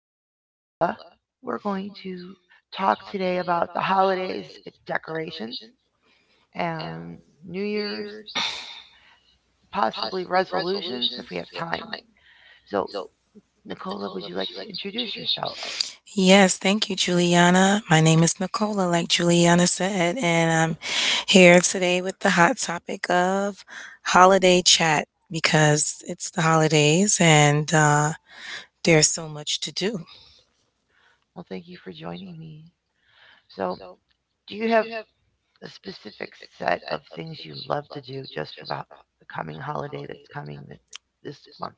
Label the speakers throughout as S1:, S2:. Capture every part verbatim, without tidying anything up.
S1: here with Nicola. We're going to talk today about the holidays decorations and New Year's, possibly resolutions if we have time. So, Nicola, would you like to introduce yourself?
S2: Yes, thank you, Juliana. My name is Nicola, like Juliana said, and I'm here today with the hot topic of holiday chat because it's the holidays and uh, there's so much to do.
S1: Well, thank you for joining me. So, do you have a specific set of things you love to do just for the, the coming holiday that's coming th- this month?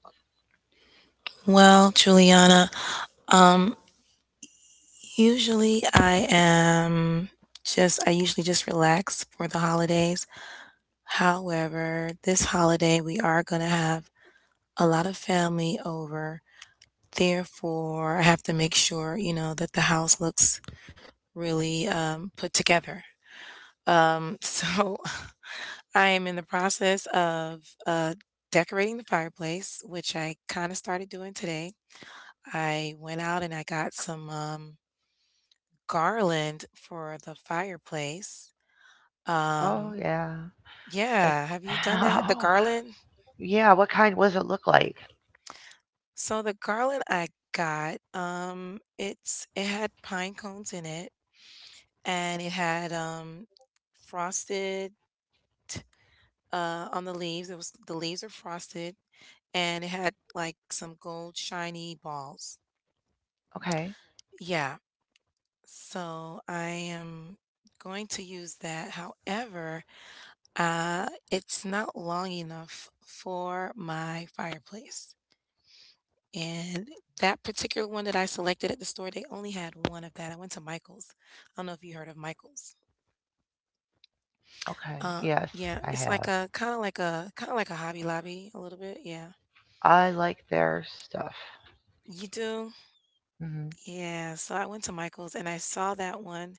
S2: Well, Juliana, um, usually I am just, I usually just relax for the holidays. However, this holiday we are going to have a lot of family over. Therefore, I have to make sure, you know, that the house looks really um, put together. Um, so I am in the process of uh, decorating the fireplace, which I kind of started doing today. I went out and I got some um, garland for the fireplace.
S1: Oh,
S2: Um,
S1: yeah. That,
S2: yeah, have you done that? The
S1: oh,
S2: garland?
S1: yeah, what kind? What does it look like?
S2: So the garland I got, um, it's it had pine cones in it and it had um, frosted uh, on the leaves. It was The leaves are frosted, and it had like some gold shiny balls.
S1: Okay.
S2: Yeah, so I am going to use that. However, uh, it's not long enough for my fireplace. And that particular one that I selected at the store, they only had one of that. I went to Michael's. I don't know if you heard of Michael's.
S1: Okay.
S2: Uh,
S1: Yes,
S2: yeah,
S1: I
S2: it's
S1: have.
S2: like a kinda like a kinda like a Hobby Lobby a little bit, yeah.
S1: I like their stuff.
S2: You do?
S1: Hmm
S2: Yeah, so I went to Michael's and I saw that one,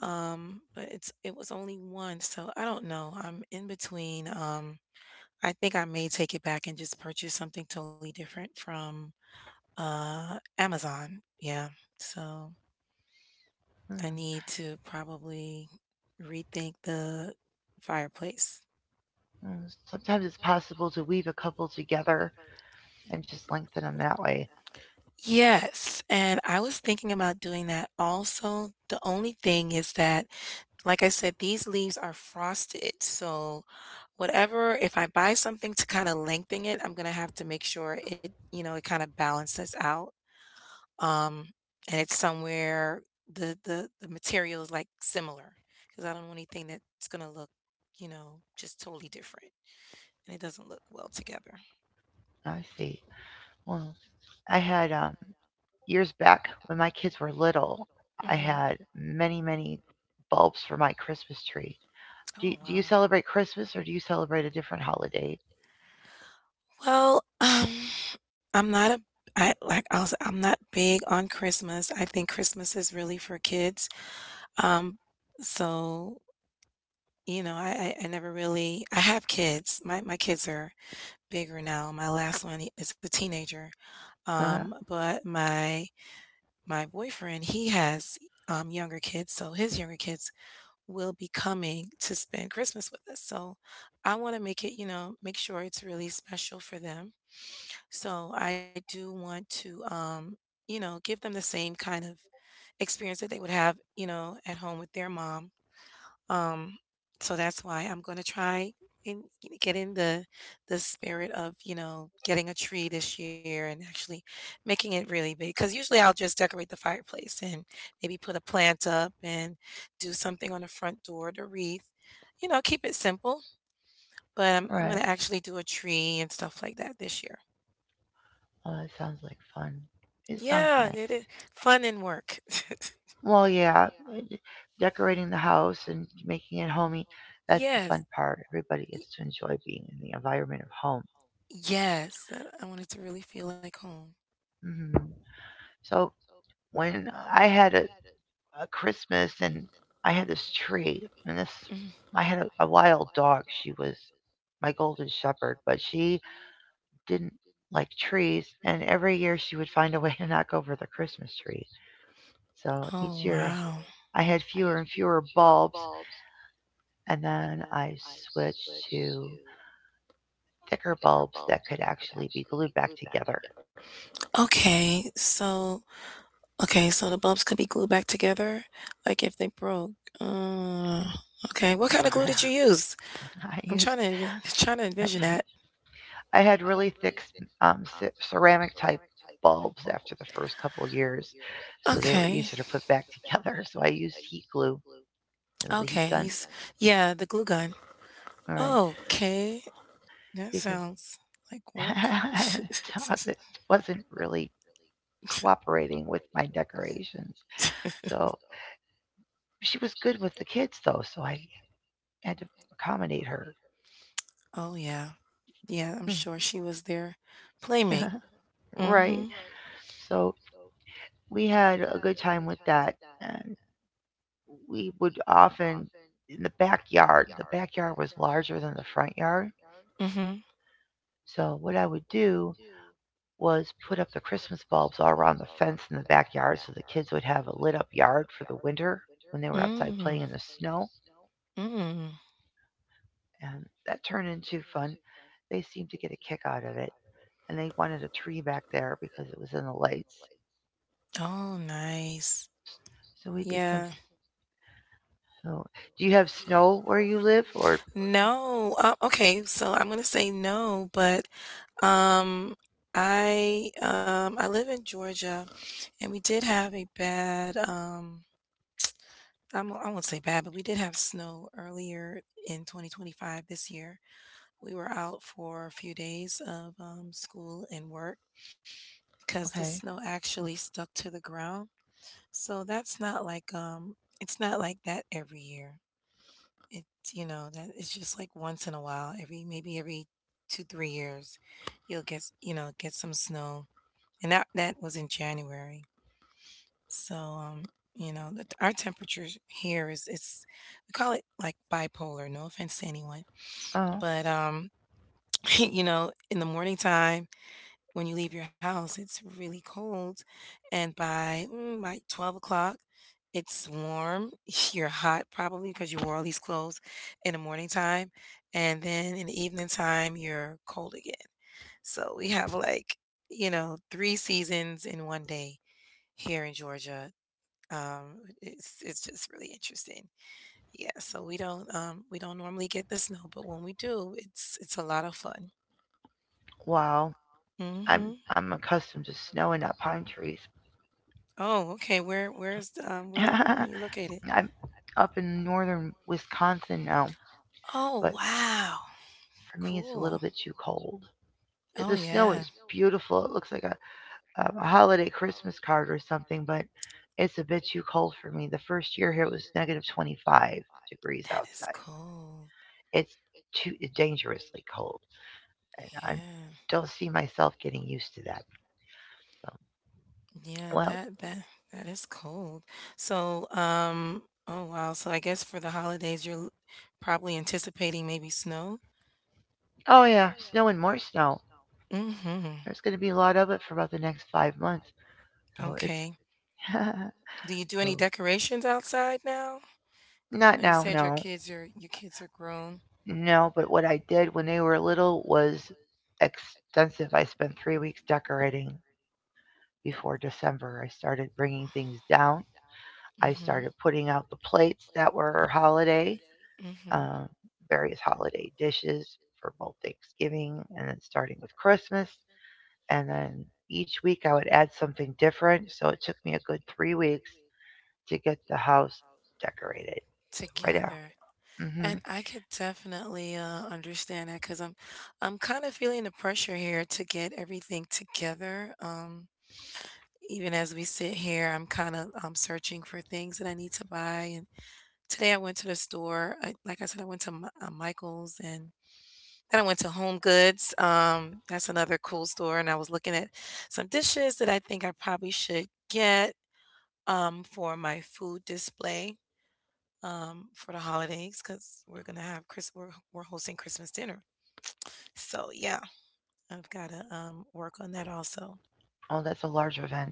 S2: um, but it's it was only one, so I don't know, I'm in between, um, I think I may take it back and just purchase something totally different from, uh, Amazon, yeah, so I need to probably rethink the fireplace.
S1: Sometimes it's possible to weave a couple together and just lengthen them that way.
S2: Yes, and I was thinking about doing that also. The only thing is that, like I said, these leaves are frosted. So whatever, if I buy something to kind of lengthen it, I'm gonna have to make sure it, you know, it kind of balances out. Um, and it's somewhere the the the material is like similar because I don't want anything that's gonna look, you know, just totally different and it doesn't look well together.
S1: I see. Well, I had um, years back when my kids were little, I
S2: Hmm.
S1: had many, many bulbs for my Christmas tree. Do you,
S2: Oh
S1: do you
S2: wow.
S1: celebrate Christmas or do you celebrate a different holiday?
S2: Well, um, I'm not a I like I'll s- I'm not big on Christmas. I think Christmas is really for kids. Um, so you know, I, I I never really— I have kids. My my kids are bigger now. My last one he- is a teenager.
S1: Huh?
S2: Um, but my my boyfriend, he has um younger kids, so his younger kids will be coming to spend Christmas with us. So I want to make it, you know, make sure it's really special for them. So I do want to, um, you know, give them the same kind of experience that they would have, you know, at home with their mom. Um, so that's why I'm gonna try and get in the the spirit of, you know, getting a tree this year and actually making it really big. Because usually I'll just decorate the fireplace and maybe put a plant up and do something on the front door, the wreath. You know, keep it simple. But I'm I'm
S1: Right.
S2: gonna actually do a tree and stuff like that this year.
S1: Well, that sounds like fun. It sounds
S2: Yeah, it
S1: nice.
S2: is fun and work. Decorating.
S1: Well, yeah, d- decorating the house and making it homey, that's the fun
S2: Yes.
S1: part. Everybody gets
S2: y-
S1: to enjoy being in the environment of home.
S2: Yes, I I want to really feel like home.
S1: Hmm So when I had a, a Christmas and I had this tree and this,
S2: Mhm.
S1: I had a, a wild dog. She was my golden shepherd, but she didn't like trees. And every year she would find a way to knock over the Christmas tree. So
S2: Oh,
S1: each year
S2: wow.
S1: I had fewer and fewer bulbs. And then I switched to thicker bulbs that could actually be glued back together.
S2: Okay, so okay, so the bulbs could be glued back together, like if they broke. Uh, okay, what kind of glue did you use?
S1: I
S2: I'm
S1: used,
S2: trying to envi- trying to
S1: I,
S2: envision that.
S1: I had really thick um, ceramic type bulbs after the first couple of years, so they were
S2: Okay,
S1: easier to put back together. So I used heat glue, you know, the heat
S2: okay, you, glue
S1: gun,
S2: s- yeah, the glue gun.
S1: all right,
S2: Okay, that
S1: because
S2: sounds like work.
S1: I had a dog that wasn't really cooperating with my decorations. So she was good with the kids though, so I had to accommodate her.
S2: Oh yeah. Yeah, I'm sure she was their playmate. Mm-hmm.
S1: right. So we had a good time with that. And we would often, in the backyard, the backyard was larger than the front yard.
S2: Mm-hmm.
S1: So what I would do was put up the Christmas bulbs all around the fence in the backyard so the kids would have a lit up yard for the winter when they were outside
S2: Mm.
S1: playing in the snow.
S2: Snow. Mm.
S1: And that turned into fun. They seemed to get a kick out of it. And they wanted a tree back there because it was in the lights.
S2: Oh, nice.
S1: So we did some.
S2: Yeah.
S1: So, do you have snow where you live? Or,
S2: No. Uh, okay, so I'm gonna say no, but um, I um, I live in Georgia, and we did have a bad um, I'm, I won't say bad, but we did have snow earlier in twenty twenty-five this year. We were out for a few days of um, school and work because the
S1: okay.
S2: snow actually stuck to the ground. So that's not like um, it's not like that every year. It's you know that it's just like once in a while, every maybe every two three years, you'll get s- you know get some snow, and that that was in January. So um, you know the, our temperature here is it's we call it like bipolar. No offense to anyone,
S1: Oh.
S2: but um, you know in the morning time when you leave your house, it's really cold. And by, mm, by twelve o'clock, it's warm. You're hot probably because you wore all these clothes in the morning time. And then in the evening time, you're cold again. So we have like, you know, three seasons in one day here in Georgia. Um, it's it's just really interesting. Yeah, so we don't um we don't normally get the snow, but when we do, it's it's a lot of fun.
S1: Wow, I'm
S2: Hmm.
S1: I'm accustomed to snow and not pine trees.
S2: Oh, okay. Where where's the, um where where
S1: I'm
S2: are you located?
S1: up in northern Wisconsin now,
S2: Oh,
S1: but
S2: wow.
S1: for me it's a
S2: Cool.
S1: little bit too cold. Uh,
S2: Oh,
S1: The snow
S2: yeah.
S1: is beautiful. It looks like a, um, a holiday Christmas card or something, but it's a bit too cold for me. The first year here it was negative twenty-five degrees
S2: That is
S1: outside.
S2: cold.
S1: It's too dangerously cold, and I
S2: Yeah.
S1: don't see myself getting used to that. So,
S2: Yeah,
S1: well,
S2: that that that is cold. So, um oh wow. So I guess for the holidays you're l- probably anticipating maybe snow?
S1: oh yeah, snow and more snow.
S2: Mhm.
S1: There's going to be a lot of it for about the next five months. So it's
S2: Okay. Do you do
S1: so
S2: any decorations outside now? 'Cause I
S1: not
S2: know you
S1: now,
S2: said your
S1: no,
S2: kids are your kids are grown.
S1: no. But what I did when they were little was extensive. I spent three weeks decorating before December. I started bringing things down. I
S2: Hmm.
S1: started putting out the plates that were holiday,
S2: Hmm.
S1: um, various holiday dishes for both Thanksgiving and then starting with Christmas. And then each week I would add something different. So it took me a good three weeks to get the house decorated. So right now.
S2: Together. And
S1: Hmm
S2: I could definitely uh, understand that because I'm, I'm kind of feeling the pressure here to get everything together. Um, even as we sit here, I'm kind of um, searching for things that I need to buy. And today I went to the store. I, like I said, I went to Mi- uh, Michael's and then I went to Home Goods. Um, that's another cool store, and I was looking at some dishes that I think I probably should get um, for my food display um, for the holidays because we're gonna have Chris. We're, we're hosting Christmas dinner, so yeah, I've got to um, work on that also.
S1: Oh, that's a large event.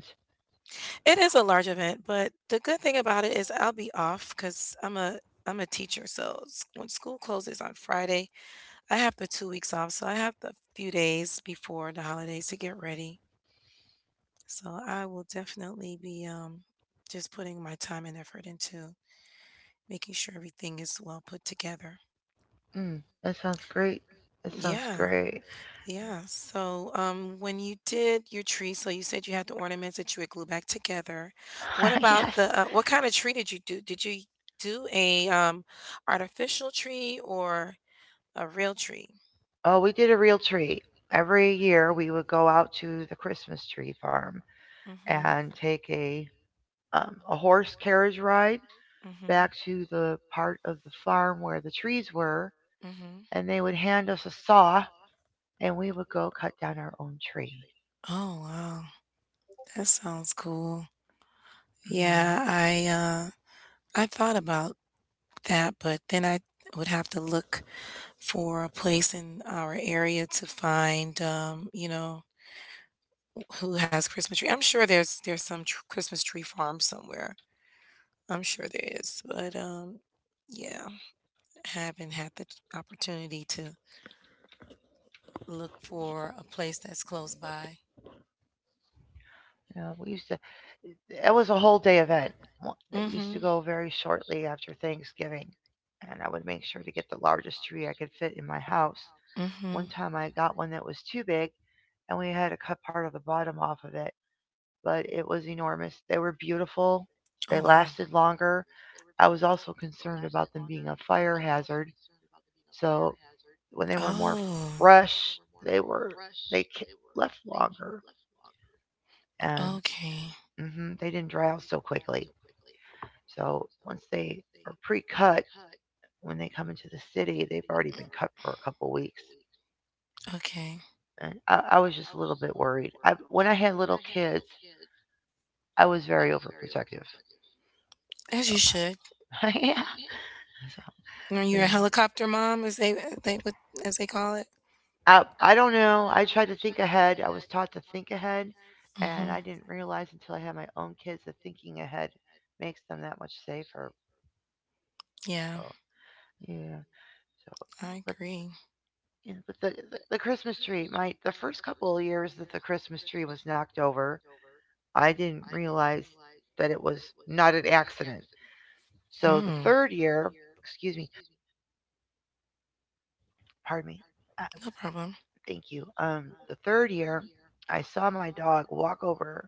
S2: It is a large event, but the good thing about it is I'll be off because I'm a I'm a teacher, so s- when school closes on Friday, I have the two weeks off, so I have the few days before the holidays to get ready. So I will definitely be um, just putting my time and effort into making sure everything is well put together.
S1: Mm, that sounds great. That sounds
S2: Yeah,
S1: great.
S2: yeah. So um, when you did your tree, so you said you had the ornaments that you would glue back together. What
S1: yes.
S2: about the uh, what kind of tree did you do? Did you do a um, artificial tree or a real tree?
S1: Oh, we did a real tree. Every year we would go out to the Christmas tree farm
S2: Mm-hmm.
S1: and take a um, a horse carriage ride
S2: Mm-hmm.
S1: back to the part of the farm where the trees were,
S2: Mm-hmm.
S1: and they would hand us a saw, and we would go cut down our own tree.
S2: Oh wow. That sounds cool.
S1: Hmm
S2: Yeah, I uh I thought about that, but then I would have to look for a place in our area to find, um, you know, who has Christmas tree. I'm sure there's there's some tr- Christmas tree farm somewhere. I'm sure there is, but um, yeah, haven't had the opportunity to look for a place that's close by.
S1: Yeah, we used to it was a whole day event Wha- that we used to
S2: Mm-hmm.
S1: go very shortly after Thanksgiving, and I would make sure to get the largest tree I could fit in my house.
S2: Mm-hmm.
S1: One time I got one that was too big, and we had to cut part of the bottom off of it,
S2: Oh
S1: but it
S2: wow.
S1: was enormous. They were beautiful, they lasted longer. I was also concerned about them being a fire hazard, so
S2: Oh,
S1: when they were more fresh, they were they left longer and
S2: okay.
S1: hmm they didn't dry out so quickly. So once they are pre-cut, when they come into the city, they've already been cut for a couple weeks.
S2: Okay.
S1: And I, I was just a little bit worried. I, when I had little kids, I was very overprotective.
S2: As you
S1: So
S2: should.
S1: yeah,
S2: Are
S1: so,
S2: you
S1: yeah.
S2: a helicopter mom, as they they would as they call it?
S1: I I don't know. I tried to think ahead. I was taught to think ahead, and
S2: Hmm.
S1: I didn't realize until I had my own kids that thinking ahead makes them that much safer.
S2: Yeah,
S1: So yeah. So,
S2: I
S1: but
S2: agree.
S1: yeah, but the, the the Christmas tree, my the first couple of years that the Christmas tree was knocked over, I didn't realize that it was not an accident. So the
S2: Mm,
S1: third year, excuse me, pardon me, uh,
S2: no problem.
S1: thank you. Um, the third year, I saw my dog walk over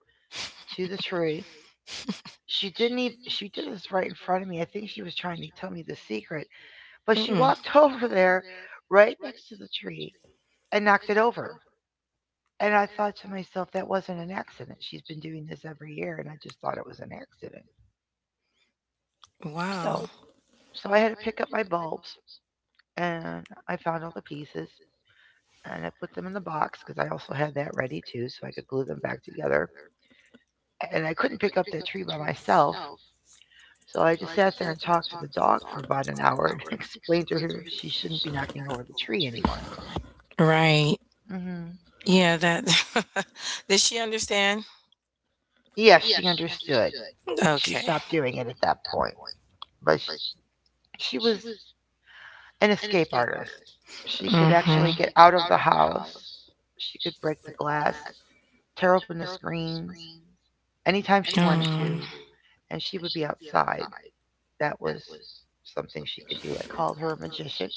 S1: to the tree. She didn't even she did this right in front of me. I think she was trying to tell me the secret, but
S2: Where.
S1: she
S2: Mm-mm.
S1: walked over there, right next to the tree, and knocked it over. And I thought to myself, that wasn't an accident. She's been doing this every year, and I just thought it was an accident.
S2: Wow.
S1: So, so I had to pick up my bulbs, and I found all the pieces, and I put them in the box because I also had that ready too, so I could glue them back together. And I couldn't pick up that tree by myself, so I just sat there and talked to the dog for about an hour and explained to her she shouldn't be knocking over the tree anymore.
S2: Right.
S1: Hmm
S2: Yeah. That. Did she understand?
S1: Yes, she understood. She
S2: Okay.
S1: stopped doing
S2: She.
S1: it at that point, but sh she was an escape artist. She could
S2: Her. Mm-hmm.
S1: actually get out of the house. She could break the glass, tear open the screens anytime she wanted to, and she would be outside. That was something she could do. I called her a magician.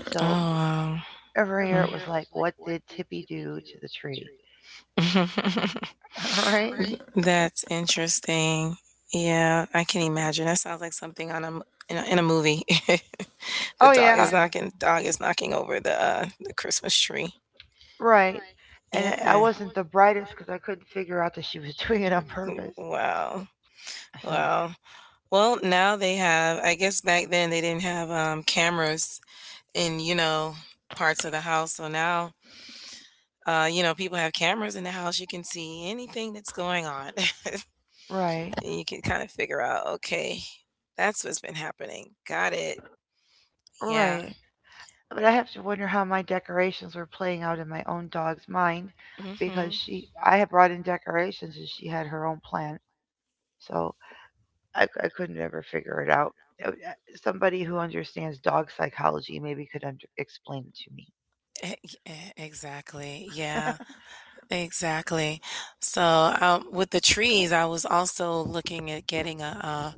S2: Oh. To.
S1: So
S2: Oh.
S1: every
S2: Wow.
S1: year it was like, what did Tippy do to the tree?
S2: Year it was a trip.
S1: right?
S2: That's interesting. Yeah, I can imagine. That sounds like something on a m- in a, in a movie. The
S1: Oh,
S2: dog
S1: yeah,
S2: is knocking dog is knocking over the uh the Christmas tree.
S1: right. And I-
S2: Yeah.
S1: wasn't the brightest because I couldn't figure out that she was doing it on purpose.
S2: Mm. Wow.
S1: So,
S2: Wow. Well, now they have, I guess back then they didn't have um, cameras in, you know, parts of the house. So now, uh, you know, people have cameras in the house. You can see anything that's going on.
S1: right,
S2: And you can kind of figure out, okay, that's what's been happening. Got it. Yeah.
S1: right. But I have to wonder how my decorations were playing out in my own dog's mind because
S2: Mhm.
S1: she I had brought in decorations and she had her own plan. So I—I c- I couldn't ever figure it out. It would- uh, Somebody who understands dog psychology maybe could under, explain it to me.
S2: E- e- Exactly. Yeah. Exactly. So, um, with the trees, I was also looking at getting a, a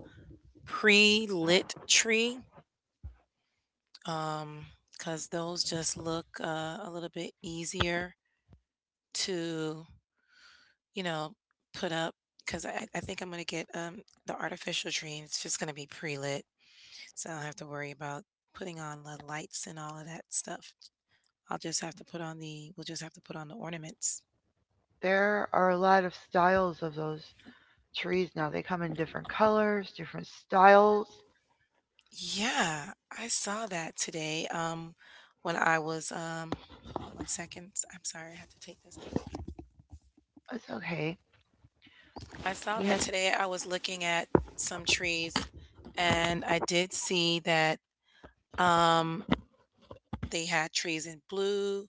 S2: pre-lit tree, um, because those just look uh, a little bit easier to, you know, put up. Because I, I think I'm gonna get um the artificial tree. And it's just gonna be pre-lit. So I don't have to worry about putting on the lights and all of that stuff. I'll just have to put on the— we'll just have to put on the ornaments.
S1: There are a lot of styles of those trees now. They come in different colors, different styles.
S2: Yeah, I saw that today. Um, when I was um, one second, I'm sorry, I had to take this.
S1: It's okay.
S2: I saw
S1: We
S2: that
S1: had,
S2: today. I was looking at some trees, and I did see that um they had trees in blue,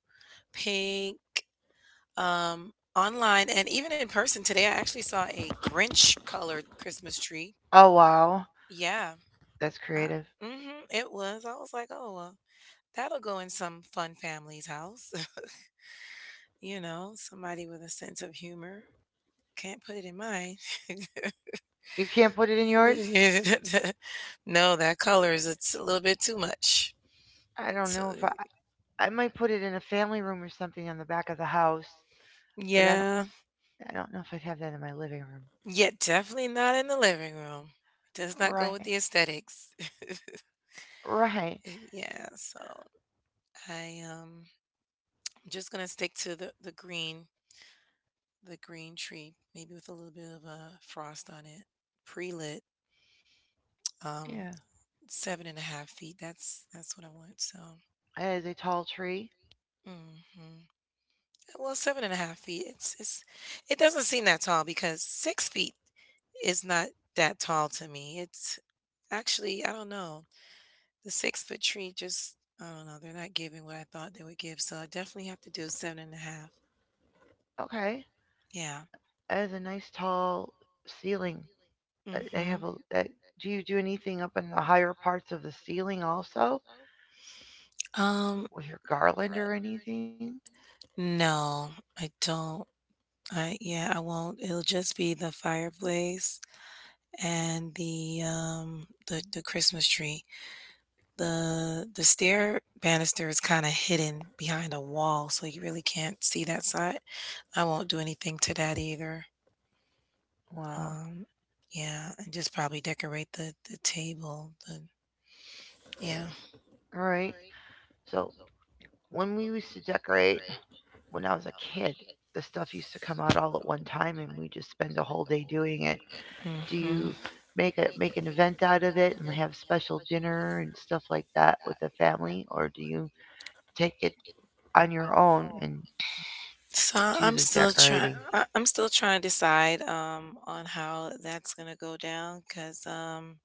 S2: pink, um online, and even in person today. I actually saw a Grinch colored Christmas tree.
S1: oh
S2: Oh, wow.
S1: wow,
S2: Yeah.
S1: that's
S2: That's
S1: creative.
S2: I Creative. Mhm, it was. I was like, "Oh, well, that'll go in some fun family's house." You know, somebody with a sense of humor. Can't put it in mine. Can't
S1: You can't put it in
S2: put
S1: yours?
S2: it in mine. No, that color is it's a little bit too much.
S1: I don't
S2: So,
S1: know if I, I might put it in a family room or something on the back of the house, but I don't
S2: yeah.
S1: I don't know if I'd have that in my living room.
S2: Yeah, definitely not in the living room. It does not go
S1: Right.
S2: with the aesthetics.
S1: Right.
S2: Yeah, so I, um, I'm just gonna stick to the the green the green tree, maybe with a little bit of a frost on it, pre-lit, um,
S1: Yeah.
S2: seven and a half feet. That's that's what I want. So,
S1: It is a tall tree.
S2: hmm well, seven and a half feet. It's it's it doesn't seem that tall because six feet is not that tall to me. It's actually, I don't know, the six foot tree just, I don't know, they're not giving what I thought they would give. So I definitely have to do seven and a half.
S1: Okay.
S2: Yeah.
S1: It is a nice tall ceiling. Uh, They
S2: Mm-hmm.
S1: have a. Uh, do you do anything up in the higher parts of the ceiling also
S2: Um.
S1: with your garland or anything?
S2: No, I don't. I Yeah, I won't. It'll just be the fireplace and the um the the Christmas tree. The the stair banister is kind of hidden behind a wall, so you really can't see that side. I won't do anything to that either.
S1: Wow.
S2: Um yeah, and just probably decorate the the table. The Yeah.
S1: All right. So when we used to decorate when I was a kid, the stuff used to come out all at one time, and we just spend a whole day doing it. Do
S2: Mhm.
S1: you make a make an event out of it and have special dinner and stuff like that with the family, or do you take it on your own and
S2: So
S1: do
S2: I'm
S1: the
S2: still trying.
S1: decorating?
S2: I'm still trying to decide um, on how that's gonna go down because um.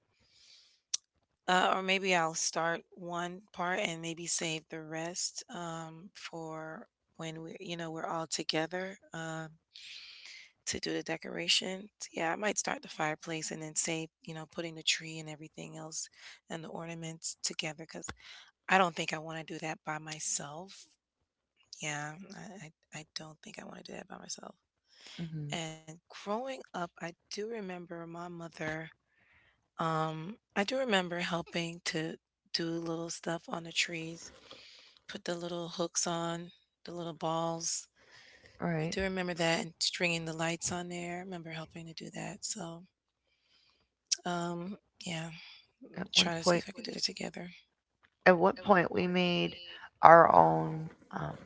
S2: Uh, or maybe I'll start one part and maybe save the rest um, for when we, you know, we're all together um, to do the decorations. Yeah, I might start the fireplace and then save, you know, putting the tree and everything else and the ornaments together because I don't think I want to do that by myself. Yeah, I, I I don't think I want to do that by myself.
S1: Mm-hmm.
S2: And growing up, I do remember my mother. Um, I do remember helping to do little stuff on the trees Put the little hooks on, the little balls.
S1: All
S2: I
S1: right.
S2: do remember that and stringing the lights on there. I remember helping to do that. So, um, yeah,
S1: At one
S2: try to see
S1: point,
S2: if I could do that together.
S1: at one point, we made our own um,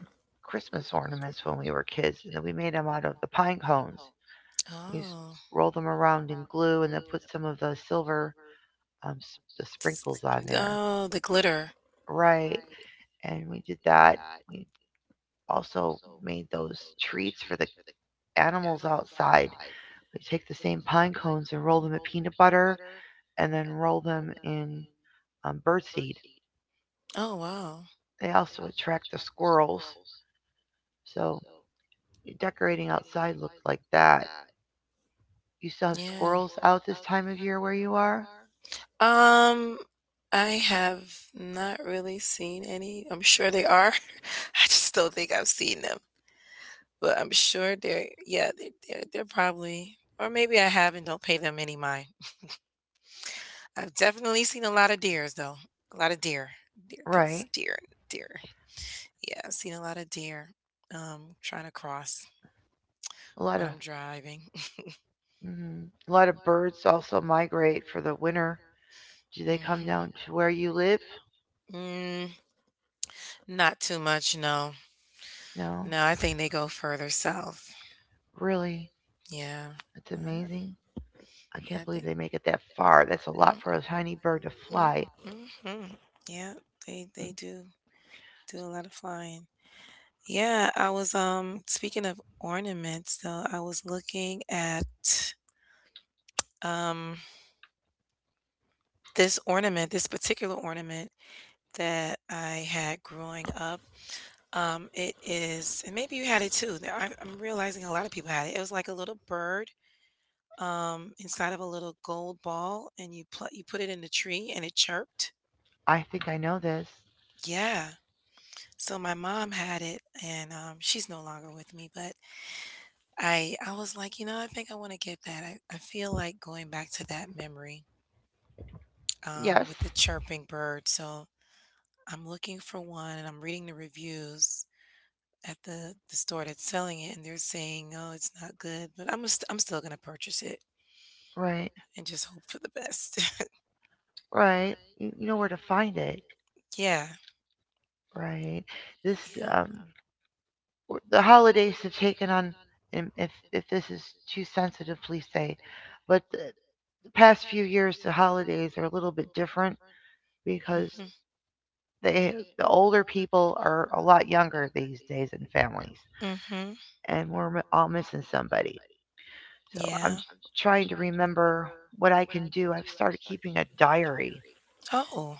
S1: Christmas ornaments when we were kids, and then we made them out of the pine cones. We used to
S2: Oh,
S1: roll them around in glue, and then put some of the silver um, the
S2: s-
S1: sprinkles on there.
S2: oh, the glitter.
S1: Right. And we did that. We also made those treats for the animals outside. They take the same pine cones and roll them in peanut butter and then roll them in um, birdseed.
S2: Oh, wow.
S1: They also attract the squirrels. So decorating outside looked like that. You still have
S2: Yeah.
S1: squirrels out this time of year where you are?
S2: Um, I have not really seen any. I'm sure they are. I just don't think I've seen them, but I'm sure they're, yeah, they, they're, they're probably, or maybe I have and don't pay them any mind. I've definitely seen a lot of deers though. A lot of deer. Deer,
S1: Right.
S2: cause deer, deer. Yeah, I've seen a lot of deer, um, trying to cross
S1: A lot
S2: when
S1: of
S2: I'm driving.
S1: mhm. A lot of birds also migrate for the winter. Do they come
S2: Mhm.
S1: down to where you live?
S2: Mm, Not too much, no.
S1: No.
S2: No, I think they go further south.
S1: Really?
S2: Yeah.
S1: That's
S2: I,
S1: amazing. I
S2: I
S1: can't believe
S2: think.
S1: they make it that far. That's a lot
S2: Mm.
S1: for a tiny bird to
S2: Mm,
S1: fly.
S2: mhm. Yeah, they
S1: Mm,
S2: they do do a lot of flying. Yeah, I was um speaking of ornaments though, I was looking at. Um, this ornament, this particular ornament that I had growing up, um, it is, and maybe you had it too. Now, I, I'm realizing a lot of people had it. It was like a little bird um, inside of a little gold ball, and you pl- you put it in the tree, and it chirped.
S1: I think I know this.
S2: Yeah. So my mom had it, and um, she's no longer with me. But I I was like, you know, I think I want to get that. I, I feel like going back to that memory um,
S1: Yes.
S2: with the chirping bird. So I'm looking for one and I'm reading the reviews at the the store that's selling it, and they're saying, "Oh, it's not good," but I'm st- I'm still gonna purchase it
S1: Right.
S2: and just hope for the best.
S1: Right. You, you know where to find it.
S2: Yeah.
S1: Right. This
S2: Right. Yeah.
S1: um the holidays have taken on, and if if this is too sensitive, please say. But the, the past few years the holidays are a little bit different because
S2: um,
S1: they the older people are a lot younger these days in families,
S2: Mm-hmm. Mm-hmm.
S1: and we're all missing somebody. So I'm
S2: Yeah.
S1: trying to remember what I can do. I've started keeping a diary,
S2: Oh,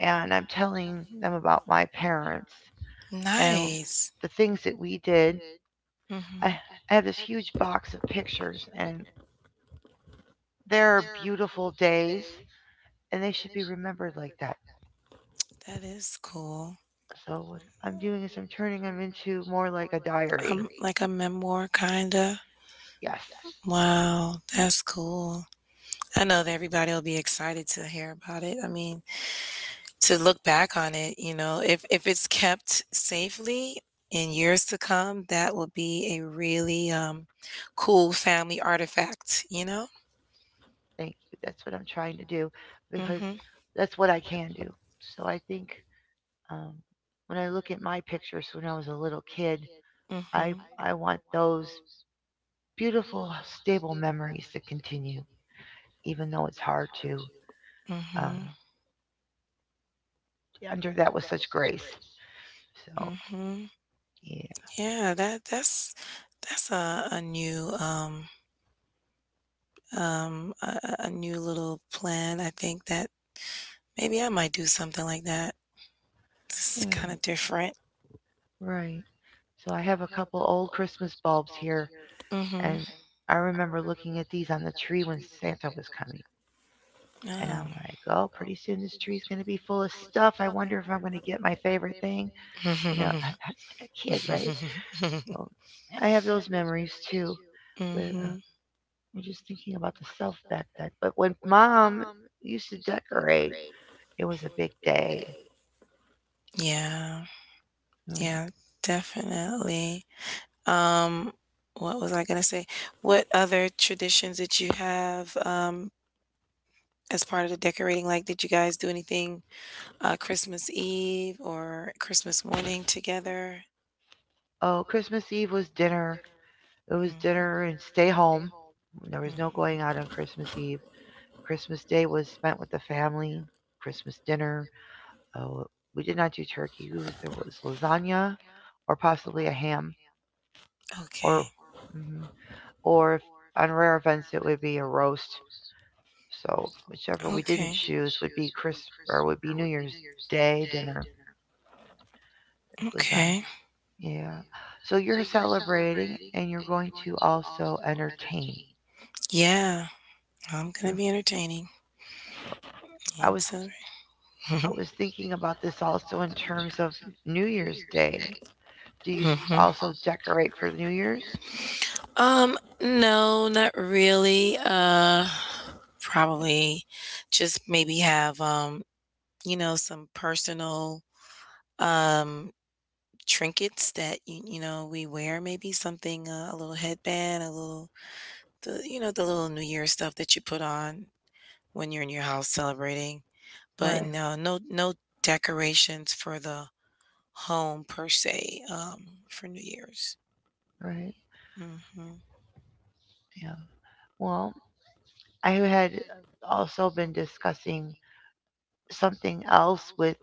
S1: and I'm telling them about my parents
S2: yeah.
S1: and
S2: Nice.
S1: the things that we did. I,
S2: Mm-hmm.
S1: I have this huge box of pictures, and they're beautiful days, and they should be remembered like that.
S2: That is cool.
S1: So what I'm doing is I'm turning them into more like a diary.
S2: Um, like a memoir, kinda.
S1: Yes.
S2: Wow, that's cool. I know that everybody will be excited to hear about it. I mean, to look back on it, you know, if if it's kept safely in years to come, that will be a really um cool family artifact, you know?
S1: Thank you. That's what I'm trying to do, because
S2: Mhm.
S1: that's what I can do. So I think Um, when I look at my pictures when I was a little kid, I,
S2: Mhm.
S1: I want those beautiful, stable memories to continue, even though it's hard to um,
S2: Mhm.
S1: under that with such grace. So,
S2: Mhm.
S1: yeah.
S2: Yeah, that that's that's a, a new um um a, a a new little plan. I think that maybe I might do something like that. It's
S1: Yeah,
S2: kind of different.
S1: right. So I have a couple old Christmas bulbs here,
S2: Mhm.
S1: and I remember looking at these on the tree when Santa was coming. And
S2: Oh.
S1: I'm like, oh, pretty soon this tree's going to be full of stuff. I wonder if I'm going to get my favorite thing. You know, that's like a kid, right? So I have those memories too. With uh,
S2: Mhm.
S1: I'm just thinking about the self back then. But when mom used to decorate, it was a big day.
S2: Yeah.
S1: Mm.
S2: Yeah, definitely. Um, what was I gonna say? What other traditions did you have um as part of the decorating? Like, did you guys do anything uh Christmas Eve or Christmas morning together? It's.
S1: Oh, Christmas Eve was dinner. It was
S2: Mm-hmm. And
S1: dinner and stay home. There
S2: there.
S1: was no going out on
S2: Mm-hmm.
S1: Christmas Eve. Christmas Day was spent with the family. Christmas dinner. Oh, we did not do turkey. It was, there was lasagna, or possibly a ham,
S2: Outside. Okay.
S1: or mhm. or if, on rare events it would be a roast. So
S2: Choose
S1: whichever
S2: what.
S1: we didn't
S2: Okay.
S1: choose would
S2: You
S1: be Chris, or would be New Year's Day dinner.
S2: Chris,
S1: It was uh
S2: okay.
S1: yeah. So you're celebrating and you're going to also entertain.
S2: Yeah, I'm gonna
S1: Mm.
S2: be entertaining
S1: So I
S2: and
S1: was
S2: so. Also
S1: I
S2: celebrate.
S1: was thinking about this also in terms of New Year's Day. Do you
S2: You.
S1: s-
S2: Hmm
S1: also decorate for New Year's?
S2: Um, no, not really. Uh, probably just maybe have um, you know, some personal um trinkets that you, you know, we wear. Maybe something uh, a little headband, a little the you know the little New Year stuff that you put on when you're in your house celebrating. But
S1: Right,
S2: no, no, no decorations for the home per se. Um, for New Year's.
S1: right.
S2: Mm-hmm.
S1: Yeah. Well, I had also been discussing something else with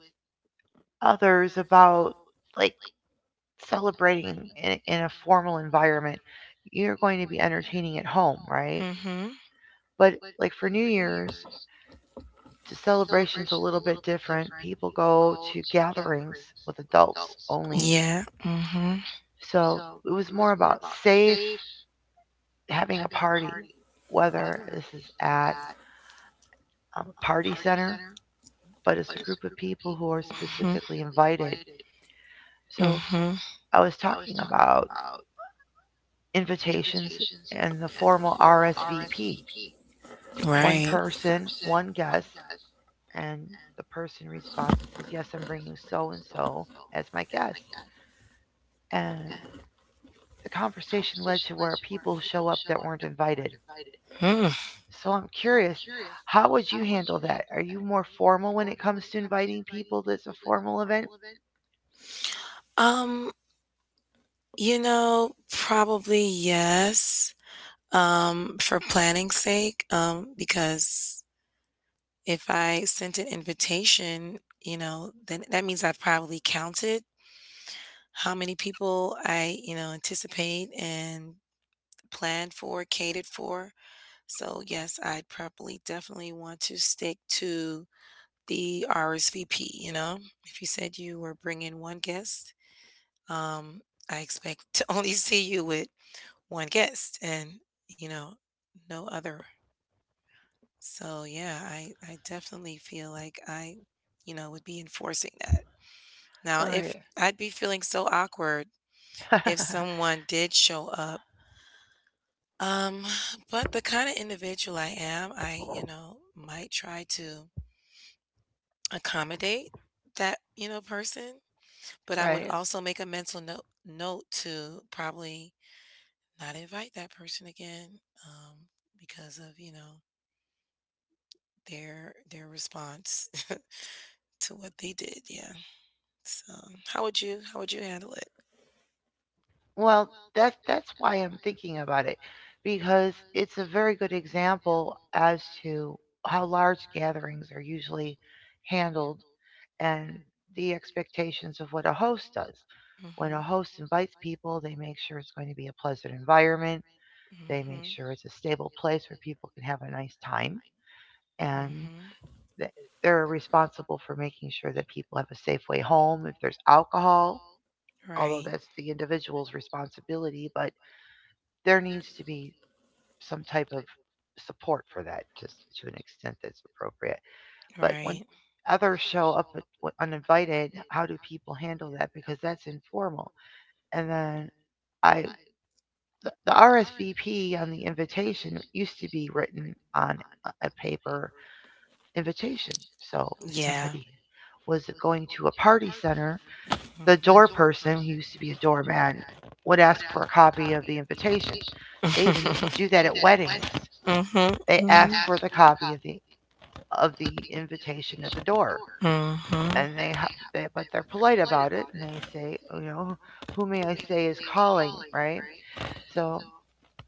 S1: others about like celebrating in, in a formal environment, you're going to be entertaining at home, right?
S2: Entertaining. Mm-hmm.
S1: But like for New Year's, the celebration's a little bit different. People go to gatherings with adults only.
S2: Yeah.
S1: So it was more about safe having a party, whether this is at um, a party center, but it's a group of
S2: Mm-hmm.
S1: people who are
S2: Mm-hmm.
S1: specifically invited. So
S2: Mm-hmm.
S1: I was talking about invitations and the formal R S V P. One
S2: Right.
S1: person, one guest, and the person responds and says, "Yes, I'm bringing so and so as my guest." And the conversation led to where people show up that weren't invited.
S2: Mm.
S1: So I'm curious, how would you handle that? Are you more formal when it comes to inviting people that's a formal event?
S2: Um, you know, Probably yes. Um, for planning's sake, um, because if I sent an invitation, you know, then that means I've probably counted how many people I, you know, anticipate and planned for, catered for. So yes, I'd probably definitely want to stick to the R S V P, you know? If you said you were bringing one guest, um, I expect to only see you with one guest and, you know, no other. So yeah, I, I definitely feel like I, you know, would be enforcing that. Now,
S1: All
S2: if
S1: right.
S2: I'd be feeling so awkward if someone did show up, um, but the kind of individual I am, I, you know, might try to accommodate that, you know, person. But I would
S1: Right.
S2: also make a mental note note to probably not invite that person again, um, because of, you know, their their response to what they did, yeah. So, how would you how would you handle it?
S1: Well, that's that's why I'm thinking about it, because it's a very good example as to how large gatherings are usually handled and the expectations of what a host does. When a
S2: Mhm,
S1: host invites people, they make sure it's going to be a pleasant environment. They make
S2: mhm.
S1: sure it's a stable place where people can have a nice time. And
S2: Mhm.
S1: they're responsible for making sure that people have a safe way home. If there's alcohol, although
S2: Right.
S1: that's the individual's responsibility, but there needs to be some type of support for that, just to an extent that's appropriate. But when
S2: Right.
S1: others show up with- with uninvited, how do people handle that? Because that's informal. And then I, the the R S V P on the invitation used to be written on a a paper invitation. So if
S2: Yeah.
S1: somebody was going to a party center, the door
S2: Mhm.
S1: person, who used to be a doorman, would ask for a copy of the invitation. They even do that at weddings.
S2: Mhm.
S1: They ask for the copy of the
S2: Mhm.
S1: of the invitation at the door.
S2: Mhm.
S1: And they, ha- they, but they're polite about it and they say, "Oh, you know, who may I say is calling?" Right? So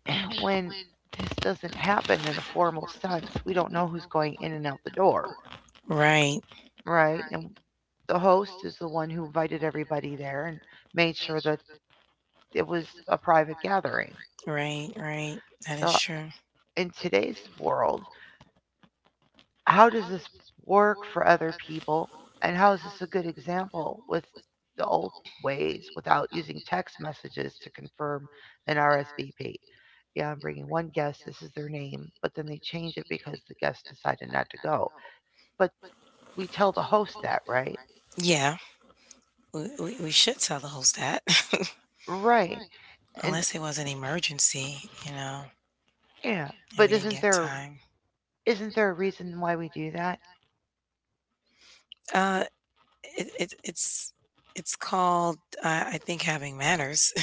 S1: when this doesn't happen in a formal sense, we don't know who's going in and out the door,
S2: Right,
S1: right? And the host is the one who invited everybody there and made sure that it was a private gathering.
S2: right, right. That is
S1: So
S2: true.
S1: in today's world, how does this work for other people, and how is this a good example with the old ways, without using text messages to confirm an R S V P? Yeah, I'm bringing one guest, this is their name, but then they change it because the guest decided not to go. But we tell the host that, right?
S2: Yeah, we, we, we should tell the host that,
S1: Right. And
S2: unless it was an emergency, you know,
S1: yeah,
S2: and
S1: but
S2: we didn't
S1: isn't
S2: get
S1: there
S2: time.
S1: isn't there a reason why we do that?
S2: Uh, it, it it's it's called, uh, I think, having manners.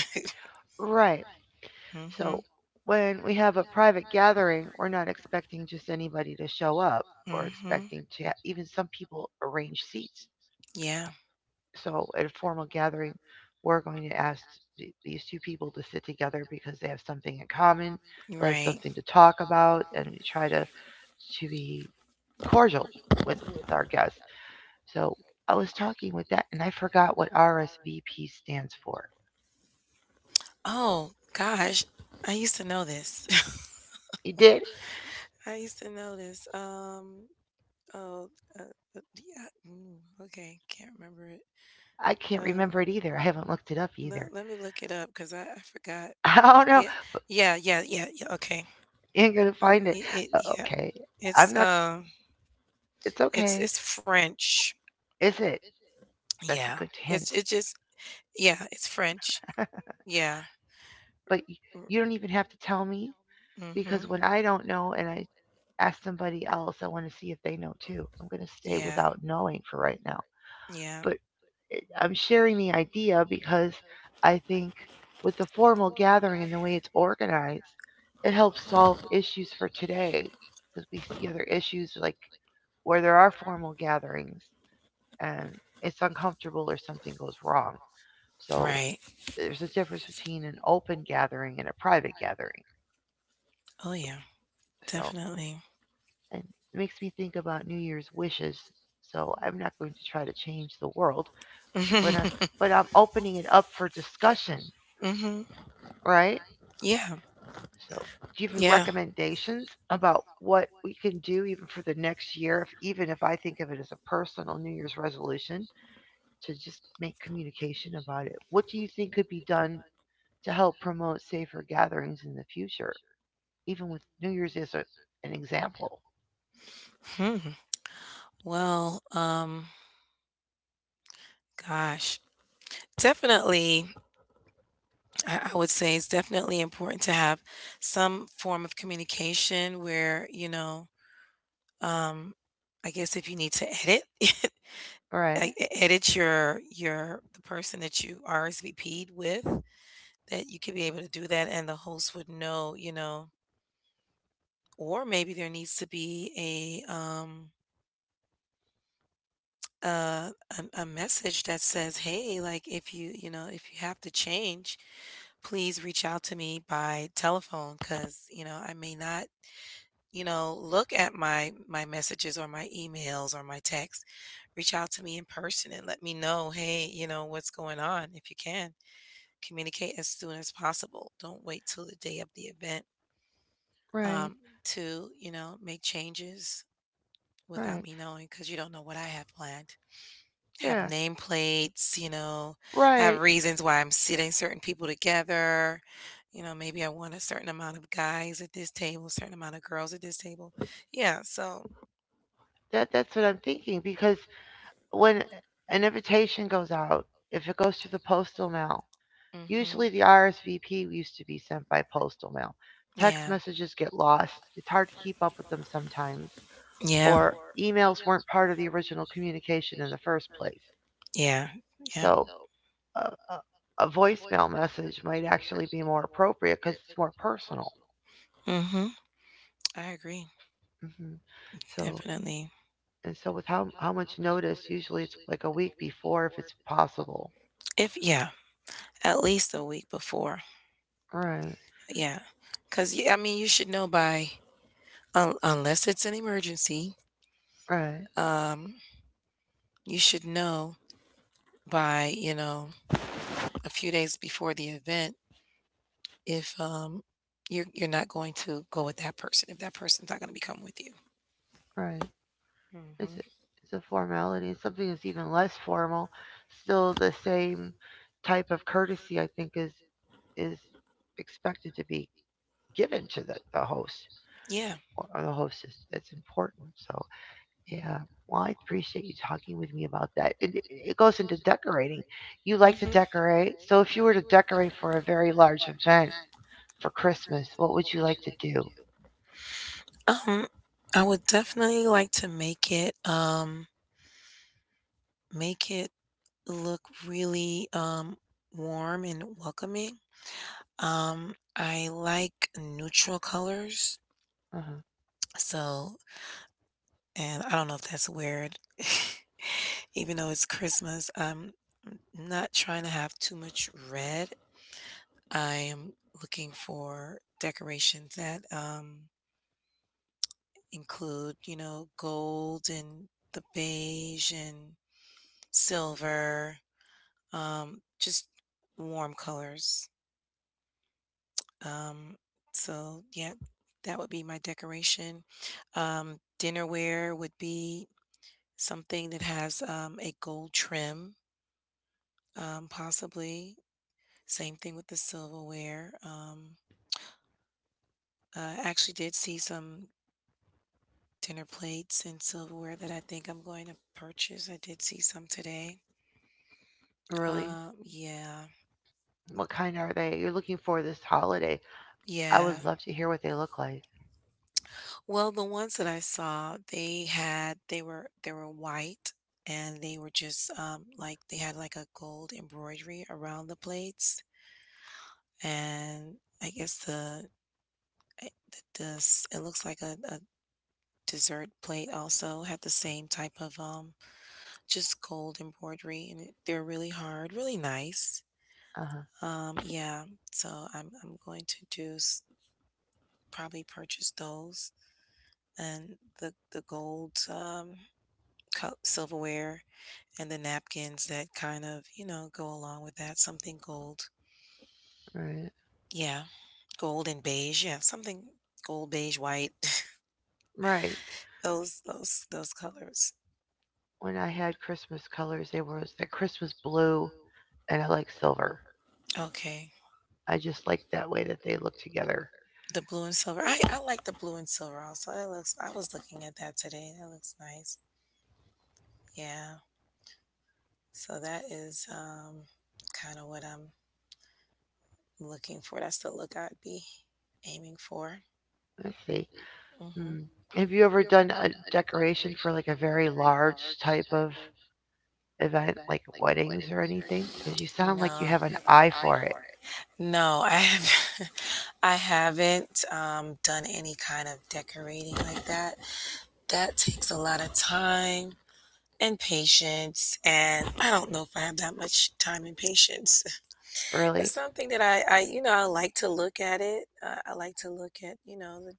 S1: Right. So
S2: Mhm.
S1: when we have a private gathering, we're not expecting just anybody to show up. We're
S2: Mhm.
S1: expecting to ha- even some people arrange seats.
S2: Yeah,
S1: So at a formal gathering, we're going to ask th- these two people to sit together because they have something in common,
S2: you're
S1: they have
S2: right.
S1: something to talk about, and we try to to be cordial with with our guests. So I was talking with that, and I forgot what R S V P stands for.
S2: Oh gosh, I used to know this.
S1: You did?
S2: I used to know this. Um, Oh, uh, uh, yeah. Mm, okay, can't remember it.
S1: I can't
S2: Uh,
S1: remember it either. I haven't looked it up either.
S2: let, let me look it up because I, I forgot.
S1: I don't know.
S2: Yeah, yeah, yeah, yeah, yeah. Okay.
S1: You ain't gonna
S2: Uh,
S1: find it.
S2: it,
S1: Uh,
S2: yeah.
S1: okay, I'm
S2: It's
S1: not.
S2: um,
S1: It's
S2: it's
S1: okay.
S2: it's French.
S1: Is it? That's a
S2: Yeah,
S1: good
S2: it's
S1: hint.
S2: it just, yeah, it's French. Yeah.
S1: But y- you don't even have to tell me,
S2: R-
S1: because
S2: Mhm.
S1: when I don't know and I ask somebody else, I want to see if they know too. I'm gonna stay
S2: Yeah.
S1: without knowing for right now.
S2: Yeah.
S1: But I'm sharing the idea because I think with the formal gathering and the way it's organized, it helps solve issues for today, because we see other issues like where there are formal gatherings, and it's uncomfortable or something goes wrong. So
S2: Right.
S1: there's a difference between an open gathering and a private gathering.
S2: Oh yeah.
S1: So
S2: Definitely.
S1: and it makes me think about New Year's wishes. So I'm not going to try to change the world, but I'm but I'm opening it up for discussion,
S2: Mhm.
S1: right?
S2: Yeah.
S1: So do you have any
S2: Yeah.
S1: recommendations about what we can do even for the next year, if even if I think of it as a personal New Year's resolution, to just make communication about it? What do you think could be done to help promote safer gatherings in the future, even with New Year's as a, an example.
S2: Hmm. Well, um, gosh. Definitely, I I would say it's definitely important to have some form of communication where, you know, um, I guess if you need to edit, e-
S1: Right,
S2: edit your your the person that you R S V P'd with, that you could be able to do that, and the host would know, you know, or maybe there needs to be a um, uh, a, a message that says, "Hey, like if you you know if you have to change, please reach out to me by telephone because you know I may not you know look at my my messages or my emails or my texts. Reach out to me in person and let me know, hey, you know what's going on. If you can communicate as soon as possible, don't wait till the day of the event
S1: right,
S2: um, to you know make changes without
S1: right.
S2: me knowing because you don't know what I have planned." Have
S1: Yeah,
S2: nameplates, you know, I have
S1: right.
S2: reasons why I'm sitting certain people together. You know, maybe I want a certain amount of guys at this table, certain amount of girls at this table. Yeah, so.
S1: That that's what I'm thinking, because when an invitation goes out, if it goes through the postal mail,
S2: Mhm.
S1: usually the R S V P used to be sent by postal mail. Text
S2: Yeah.
S1: messages get lost. It's hard to keep up with them sometimes,
S2: Yeah.
S1: or emails weren't part of the original communication in the first place.
S2: Yeah. Yeah.
S1: So a, a a voicemail message might actually be more appropriate because it's more personal.
S2: Mhm. I agree.
S1: Hmm. So
S2: Definitely.
S1: and so with how how much notice? Usually it's like a week before if it's possible.
S2: If yeah, at least a week before.
S1: Right,
S2: Yeah. Cuz I mean, you should know by un- unless it's an emergency,
S1: right,
S2: um you should know by, you know, a few days before the event if um you're you're not going to go with that person if that person's not going to be coming with you.
S1: right. It's
S2: hmm
S1: a, it's a formality. And something that's even less formal, still the same type of courtesy, I think is is expected to be given to the, the host
S2: Yeah.
S1: or the hostess. That's important. So. Yeah. Well, I appreciate you talking with me about that. It, it it goes into decorating. You like to
S2: hmm
S1: decorate. So if you were to decorate for a very large event for Christmas, what would you like to do?
S2: Event, Um, I would definitely like to make it um make it look really um warm and welcoming. Um, I like neutral colors,
S1: Uh-huh.
S2: so. And I don't know if that's weird. Even though it's Christmas, I'm not trying to have too much red. I am looking for decorations that um, include, you know, gold and the beige and silver, um, just warm colors. Um, so, yeah, that would be my decoration. Um, dinnerware would be something that has um, a gold trim Um, possibly. Same thing with the silverware. Um, I actually did see some dinner plates and silverware that I think I'm going to purchase. I did see some today.
S1: Really?
S2: Um, yeah.
S1: What kind are they? You're looking for this holiday. I
S2: Yeah.
S1: would love to hear what they look like.
S2: Well, the ones that I saw, they had they were they were white and they were just um like they had like a gold embroidery around the plates and I guess the I- the, the s- it looks like a, a dessert plate also had the same type of um just gold embroidery and it- they're really hard, really nice.
S1: Uh-huh.
S2: Um, yeah, so I'm I'm going to do s- probably purchase those and the the gold, um, cu- silverware and the napkins that kind of you know go along with that. Something gold,
S1: Right.
S2: yeah, gold and beige, yeah, something gold beige white.
S1: Right.
S2: those those those colors.
S1: When I had Christmas colors, they were the Christmas blue, and I like silver.
S2: Okay.
S1: I just like that way that they look together.
S2: The blue and silver. I, I like the blue and silver also. I looks I was looking at that today. That looks nice. Yeah. So that is um, kind of what I'm looking for. That's the look I'd be aiming for.
S1: Let's see.
S2: hmm
S1: Mm. Have you ever done a decoration for like a very large type of event, like weddings or anything? Because you sound like you
S2: No,
S1: have
S2: you
S1: an
S2: have an
S1: eye
S2: eye
S1: for it.
S2: for it. No, I have, I haven't um, done any kind of decorating like that. That takes a lot of time and patience, and I don't know if I have that much time and patience.
S1: Really?
S2: It's something that I, I, you know, I like to look at it. Uh, I like to look at, you know, the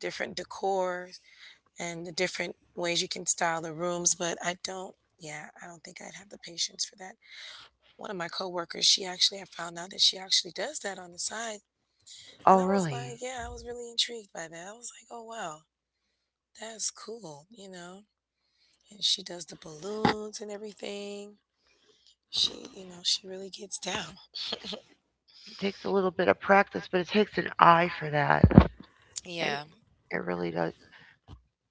S2: different decor and the different ways you can style the rooms, but I don't yeah, I don't think I'd have the patience for that. One of my coworkers, she actually I found out that she actually does that on the side. And
S1: Oh,
S2: I was
S1: really?
S2: like, yeah, I was really intrigued by that. I was like, oh wow, that's cool, you know. And she does the balloons and everything. She, you know, she really gets down.
S1: It takes a little bit of practice, but it takes an eye for that. It,
S2: Yeah.
S1: it really does.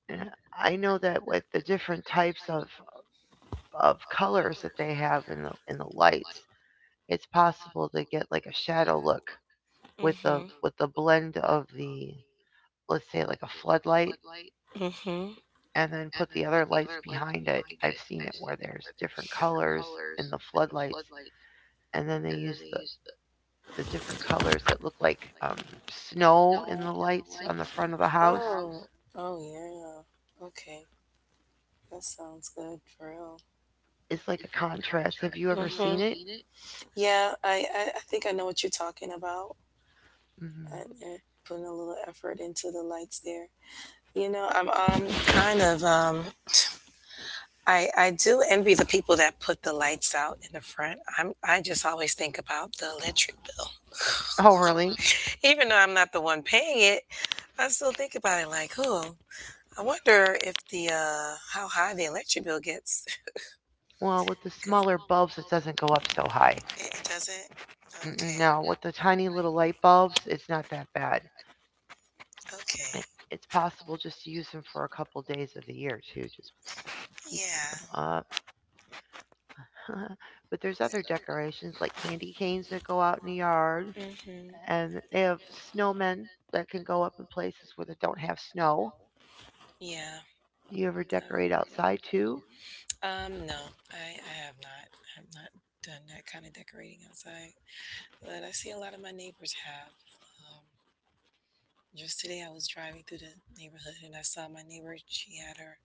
S1: And I know that with the different types of, of colors that they have in the in the lights, it's possible to get like a shadow look with the
S2: Mhm.
S1: with the blend of the let's say like a floodlight,
S2: Mhm.
S1: and then put the other lights behind it. I've seen it where there's different colors in the floodlights, and then they use the, the different colors that look like um, snow in the lights on the front of the house.
S2: Oh. Oh yeah. Okay. That sounds good for real.
S1: It's like a contrast. Have you ever
S2: Mhm.
S1: seen it?
S2: Yeah, I, I, I think I know what you're talking about
S1: Hmm.
S2: and, and putting a little effort into the lights there. You know, I'm um kind of um I I do envy the people that put the lights out in the front. I'm I just always think about the electric bill.
S1: Oh, really?
S2: Even though I'm not the one paying it, I still think about it like, oh, I wonder if the uh how high the electric bill gets.
S1: Well, with the
S2: Cuz
S1: smaller bulbs, it doesn't go up so high.
S2: it, it doesn't.
S1: Mm,
S2: Okay.
S1: no, with the tiny little light bulbs, it's not that bad.
S2: Okay.
S1: It's possible just to use them for a couple days of the year, too. Just keep them
S2: Yeah.
S1: up but there's other decorations like candy canes that go out in the yard,
S2: hmm
S1: and they have snowmen that can go up in places where they don't have snow.
S2: Yeah.
S1: You ever decorate
S2: Okay.
S1: outside too?
S2: Um, no, I, I have not. I have not done that kind of decorating outside, but I see a lot of my neighbors have. Um, just today, I was driving through the neighborhood and I saw my neighbor. She had her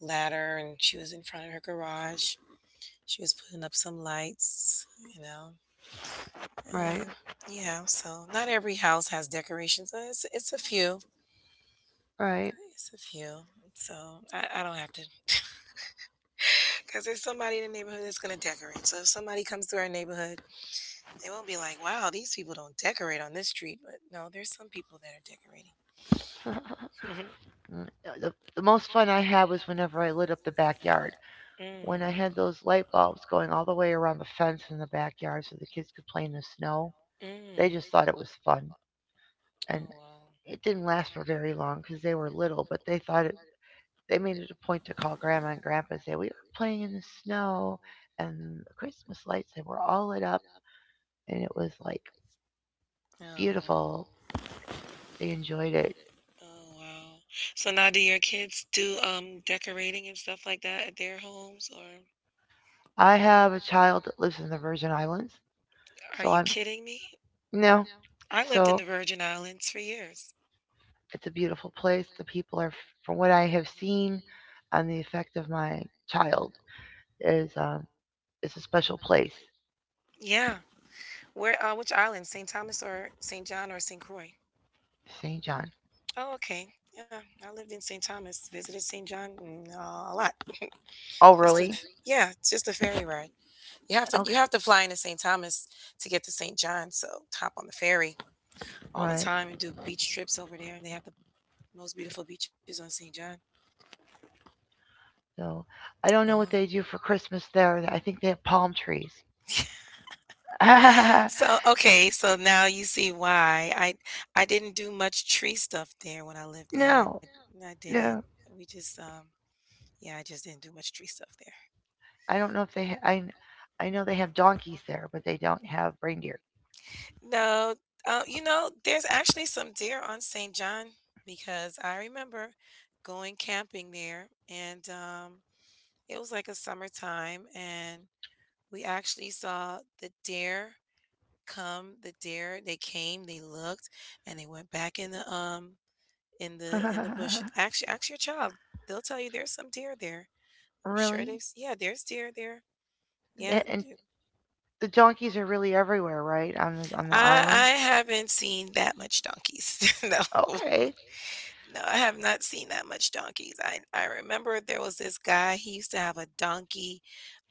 S2: ladder and she was in front of her garage. She was putting up some lights, you know.
S1: Right,
S2: And yeah, so not every house has decorations. But It's, it's a few.
S1: right.
S2: It's a few. So I, I don't have to, because there's somebody in the neighborhood that's going to decorate. So if somebody comes through our neighborhood, they won't be like, wow, these people don't decorate on this street. But no, there's some people that are decorating.
S1: the, the most fun I had was whenever I lit up the backyard.
S2: mm,
S1: When I had those light bulbs going all the way around the fence in the backyard so the kids could play in the snow, they
S2: mm.
S1: just thought it was fun. And
S2: Oh,
S1: it didn't last for very long because they were little, but they thought it they made it a point to call grandma and grandpa and say, "We were playing in the snow and the Christmas lights, they were all lit up and it was like
S2: wow. Oh.
S1: beautiful." They enjoyed it.
S2: Oh, wow. So now do your kids do um decorating and stuff like that at their homes? Or
S1: I have a child
S2: are,
S1: that lives in the Virgin Islands.
S2: are
S1: so
S2: you
S1: I'm,
S2: kidding me?
S1: no,
S2: I lived in
S1: so
S2: the Virgin Islands for years.
S1: it's a beautiful place. The people are, from what I have seen on the effect of my child, is um, it's a special place.
S2: Yeah. Where? Uh, which island? Saint Thomas or Saint John or Saint Croix?
S1: saint John.
S2: Oh, okay. Yeah, I lived in Saint Thomas. Visited Saint John mm, uh, a lot.
S1: Oh,
S2: Just oh, a, really?
S1: really?
S2: Yeah, it's just a ferry ride. You have to you
S1: Okay,
S2: have to fly into Saint Thomas to get to Saint John. So hop on the ferry all the
S1: right.
S2: time and do beach trips over there. And they have the most beautiful beaches on Saint John.
S1: So I don't know what
S2: Oh.
S1: they do for Christmas there. I think they have palm trees.
S2: So okay, so now you see why I I didn't do much tree stuff there when I lived there.
S1: No,
S2: I, I didn't.
S1: no.
S2: We just um yeah, I just didn't do much tree stuff there.
S1: I don't know if they— Ha- I kn- I know they have donkeys there, but they don't have reindeer.
S2: No, uh, you know, there's actually some deer on Saint John because I remember going camping there, and um, it was like a summertime, and we actually saw the deer come. The deer, they came, they looked, and they went back in the um in the in the bush. Actually, ask your child; they'll tell you there's some deer there. I'm sure
S1: Really?
S2: they've s- yeah, there's deer there. Yeah,
S1: And, and the donkeys are really everywhere, right? On the on the
S2: I
S1: island.
S2: I haven't seen that much donkeys. No.
S1: Okay.
S2: No, I have not seen that much donkeys. I I remember there was this guy, he used to have a donkey.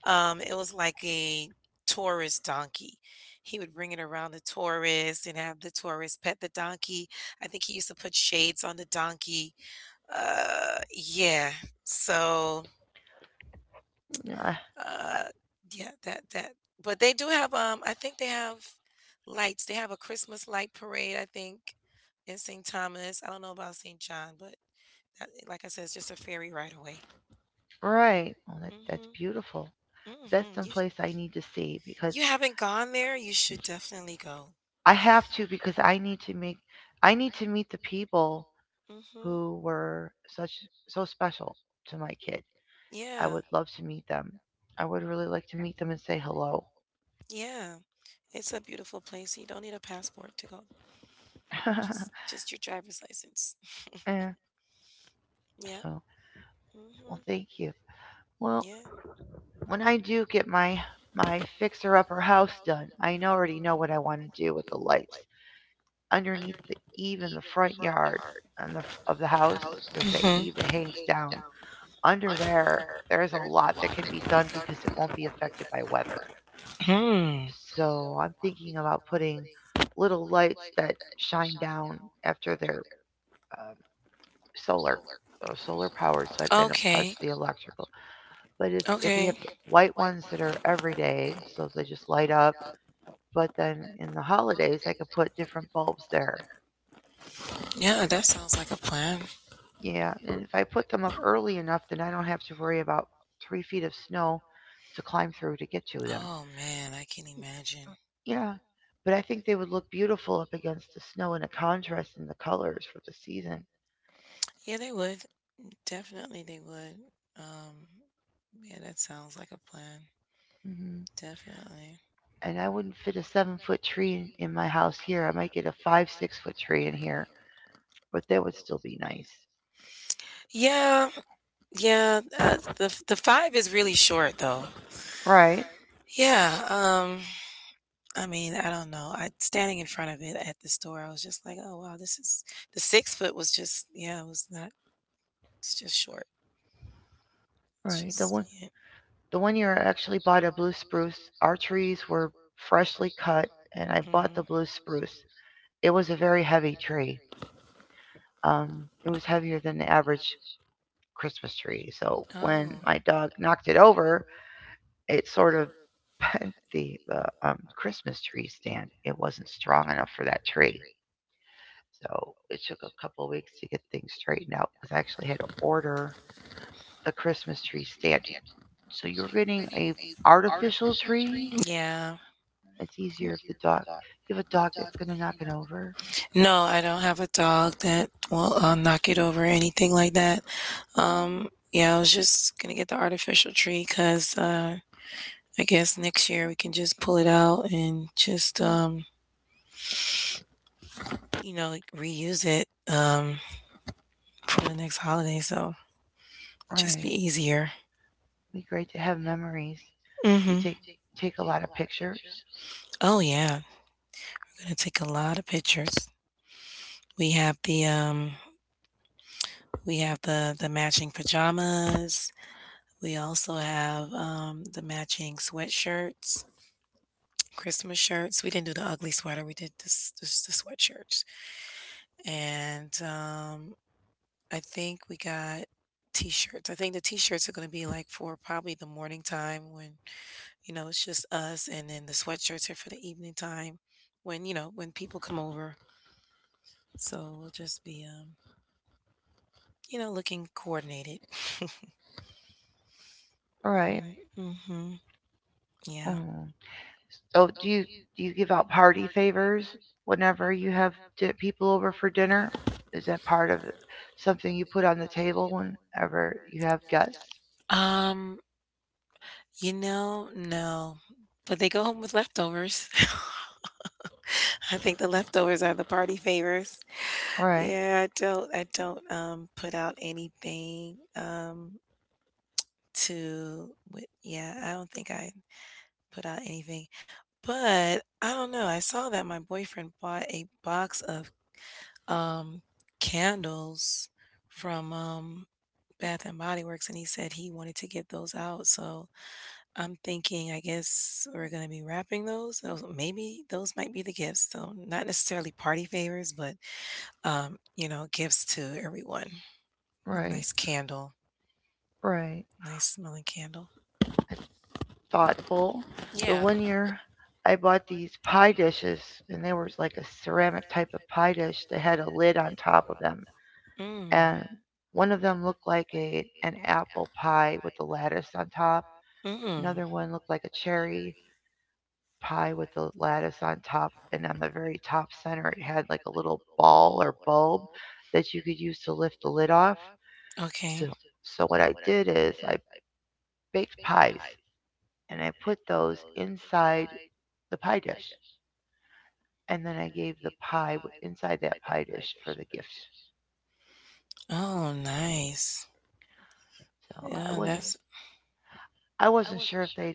S2: Um, it was like a tourist donkey. He would bring it around the tourists and have the tourists pet the donkey. I think he used to put shades on the donkey. Uh, yeah. So
S1: No, I-
S2: uh, yeah, that that but they do have, um, I think they have lights. They have a Christmas light parade, I think, in Saint Thomas. I don't know about Saint John, but that, like I said, it's just a ferry ride away.
S1: I- right. Well, that, that's
S2: hmm
S1: beautiful. That's
S2: hmm You
S1: someplace I need to see because
S2: you haven't gone there? You should definitely go.
S1: I have to because I need to make I need to meet the people
S2: hmm
S1: who were such so special to my kid. I
S2: Yeah,
S1: would love to meet them. I would really like to meet them and say hello.
S2: yeah. It's a beautiful place. You don't need a passport to go. Just just your driver's license.
S1: Yeah.
S2: Yeah.
S1: So, well,
S2: hmm
S1: thank you. Well,
S2: Yeah.
S1: when I do get my my fixer upper house done, I know- already know what I want to do with the lights underneath the eave in the front yard and the f- of the house. There's that
S2: hmm
S1: eave that hangs down. Under there, there's a lot that can be done because it won't be affected by weather.
S2: hmm
S1: So I'm thinking about putting little lights that shine down after they're um, solar uh, solar powered, so they don't touch
S2: Okay.
S1: the electrical. But if if you
S2: Okay.
S1: have the white ones that are every day, so they just light up. But then in the holidays, I could put different bulbs there.
S2: Yeah, that sounds like a plan.
S1: Yeah, and if I put them up early enough, then I don't have to worry about three feet of snow to climb through to get to them.
S2: Oh man, I can imagine.
S1: Yeah, but I think they would look beautiful up against the snow and the contrast in the colors for the season.
S2: Yeah, they would. Definitely they would. Um yeah, that sounds like a plan.
S1: Mm-hmm.
S2: Definitely.
S1: And I wouldn't fit a seven foot tree in my house here. I might get a five, six foot tree in here, but that would still be nice.
S2: Yeah, yeah, uh, the the five is really short though.
S1: Right,
S2: Yeah, um I mean, I don't know. I Standing in front of it at the store, I was just like, "Oh wow, this is the six foot was just yeah, it was not it's just short. It's
S1: right. The
S2: just
S1: one,
S2: yeah.
S1: the one year I actually bought a blue spruce. Our trees were freshly cut, and I bought
S2: hmm
S1: the blue spruce. It was a very heavy tree. Um, it was heavier than the average Christmas tree. So when
S2: Oh,
S1: my dog knocked it over, it sort of bent the, the um, Christmas tree stand. It wasn't strong enough for that tree. So it took a couple of weeks to get things straightened out because I actually had to order the Christmas tree stand. So you're getting a artificial tree.
S2: yeah.
S1: It's easier if the dog you have a dog that's gonna knock it over.
S2: No, I don't have a dog that will uh, knock it over or anything like that. Um, yeah, I was just gonna get the artificial tree because uh, I guess next year we can just pull it out and just um, you know, like, reuse it um for the next holiday. So just
S1: Right.
S2: be easier.
S1: It'd be great to have memories. You
S2: Mm-hmm.
S1: take take a lot of pictures.
S2: Oh yeah, we're gonna take a lot of pictures. We have the um, we have the the matching pajamas. We also have, um, the matching sweatshirts, Christmas shirts. We didn't do the ugly sweater. We did this, this the sweatshirts, and um, I think we got t-shirts. I think the t-shirts are going to be like for probably the morning time when you know it's just us, and then the sweatshirts are for the evening time when you know when people come over. So we'll just be, um, you know, looking coordinated.
S1: All right.
S2: Mm-hmm. Yeah.
S1: Mm. So do you do you give out party favors whenever you have di- people over for dinner? Is that part of something you put on the table whenever you have guests?
S2: Um. You know, no, but they go home with leftovers. I think the leftovers are the party favors.
S1: All right.
S2: Yeah, I don't I don't um put out anything um to with yeah, I don't think I put out anything. But I don't know. I saw that my boyfriend bought a box of um candles from um Bath and Body Works and he said he wanted to give those out. So I'm thinking, I guess we're gonna be wrapping those. Those maybe those might be the gifts. So not necessarily party favors, but um, you know, gifts to everyone. A
S1: Right.
S2: nice candle,
S1: Right.
S2: nice smelling candle.
S1: That's thoughtful. The
S2: Yeah.
S1: one year I bought these pie dishes, and they were like a ceramic type of pie dish that had a lid on top of them.
S2: Mm.
S1: And one of them looked like a an apple pie with the lattice on top.
S2: Mm.
S1: Another one looked like a cherry pie with the lattice on top. And on the very top center, it had like a little ball or bulb that you could use to lift the lid off. So,
S2: Okay.
S1: so what I did is I baked pies and I put those inside the pie dish. And then I gave the pie inside that pie dish for the gift.
S2: Oh, nice.
S1: So I
S2: Yeah,
S1: wasn't
S2: that's
S1: I wasn't sure if they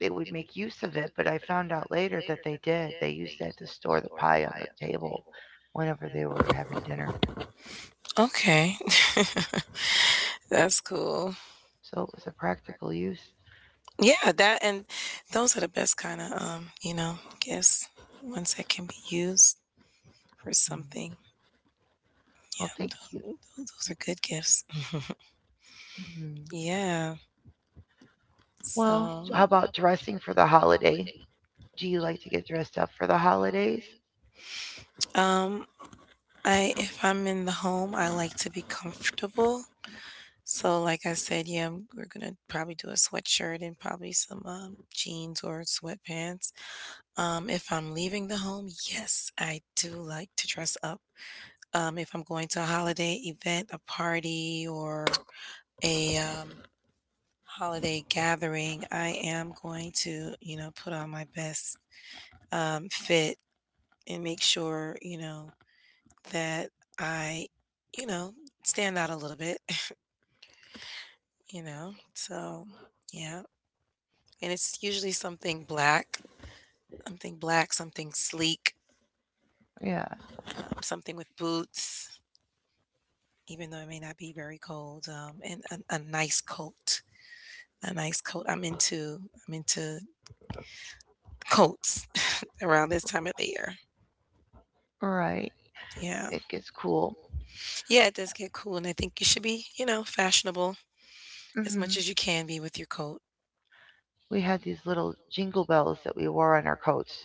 S1: they would make use of it, but I found out later that they did. They used that to store the pie on the table whenever they were having dinner.
S2: okay. That's cool.
S1: So it was a practical use.
S2: Yeah, that and those are the best kind of um, you know, gifts. Ones that can be used for
S1: Mm.
S2: something.
S1: Well, thank you.
S2: Tho- Those are good gifts.
S1: Mm.
S2: Yeah.
S1: Well,
S2: So,
S1: so how about dressing for the holiday? Do you like to get dressed up for the holidays?
S2: um, I if I'm in the home, I like to be comfortable. So, like I said, yeah, I'm- we're gonna probably do a sweatshirt and probably some um, jeans or sweatpants. Um, if I'm leaving the home, yes, I do like to dress up. Um, if I'm going to a holiday event, a party, or a um, holiday gathering, I am going to, you know, put on my best um, fit and make sure, you know, that I, you know, stand out a little bit, you know? So, yeah. And it's usually something black, something black, something sleek,
S1: Yeah,
S2: um, something with boots, even though it may not be very cold, um, and a, a nice coat. A nice coat. I'm into I'm into coats around this time of the year.
S1: right.
S2: Yeah.
S1: It gets cool.
S2: Yeah, it does get cool and I think you should be, you know, fashionable as much
S1: hmm
S2: as you can be with your coat.
S1: we had these little jingle bells that we wore on our coats.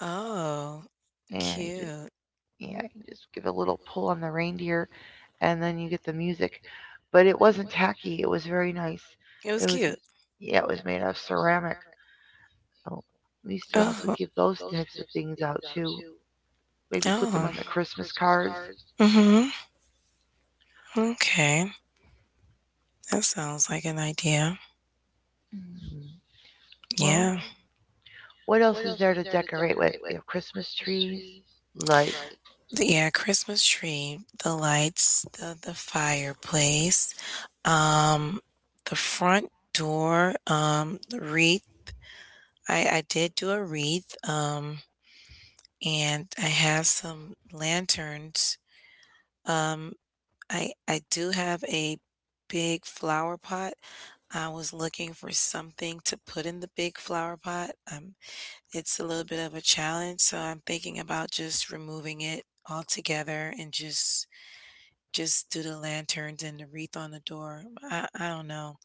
S2: Oh,
S1: And you just,
S2: cute.
S1: yeah, you just give a little pull on the reindeer, and then you get the music. But it wasn't tacky. It was very nice.
S2: It was
S1: It was,
S2: cute.
S1: yeah, it was made out of ceramic. So we used to
S2: So
S1: also
S2: Oh.
S1: give those types of things out too. Maybe put them
S2: Oh.
S1: on the Christmas cards.
S2: Mhm. Okay. That sounds like an idea.
S1: Mhm. Well,
S2: Yeah. hmm
S1: what else is there to decorate with? We have Christmas trees, lights.
S2: Th- Yeah, Christmas tree, the lights, the the fireplace, um the front door, um the wreath. I I did do a wreath um and I have some lanterns. Um I I do have a big flower pot. I was looking for something to put in the big flower pot. Um, it's a little bit of a challenge, so I'm thinking about just removing it altogether and just just do the lanterns and the wreath on the door. I, I don't know.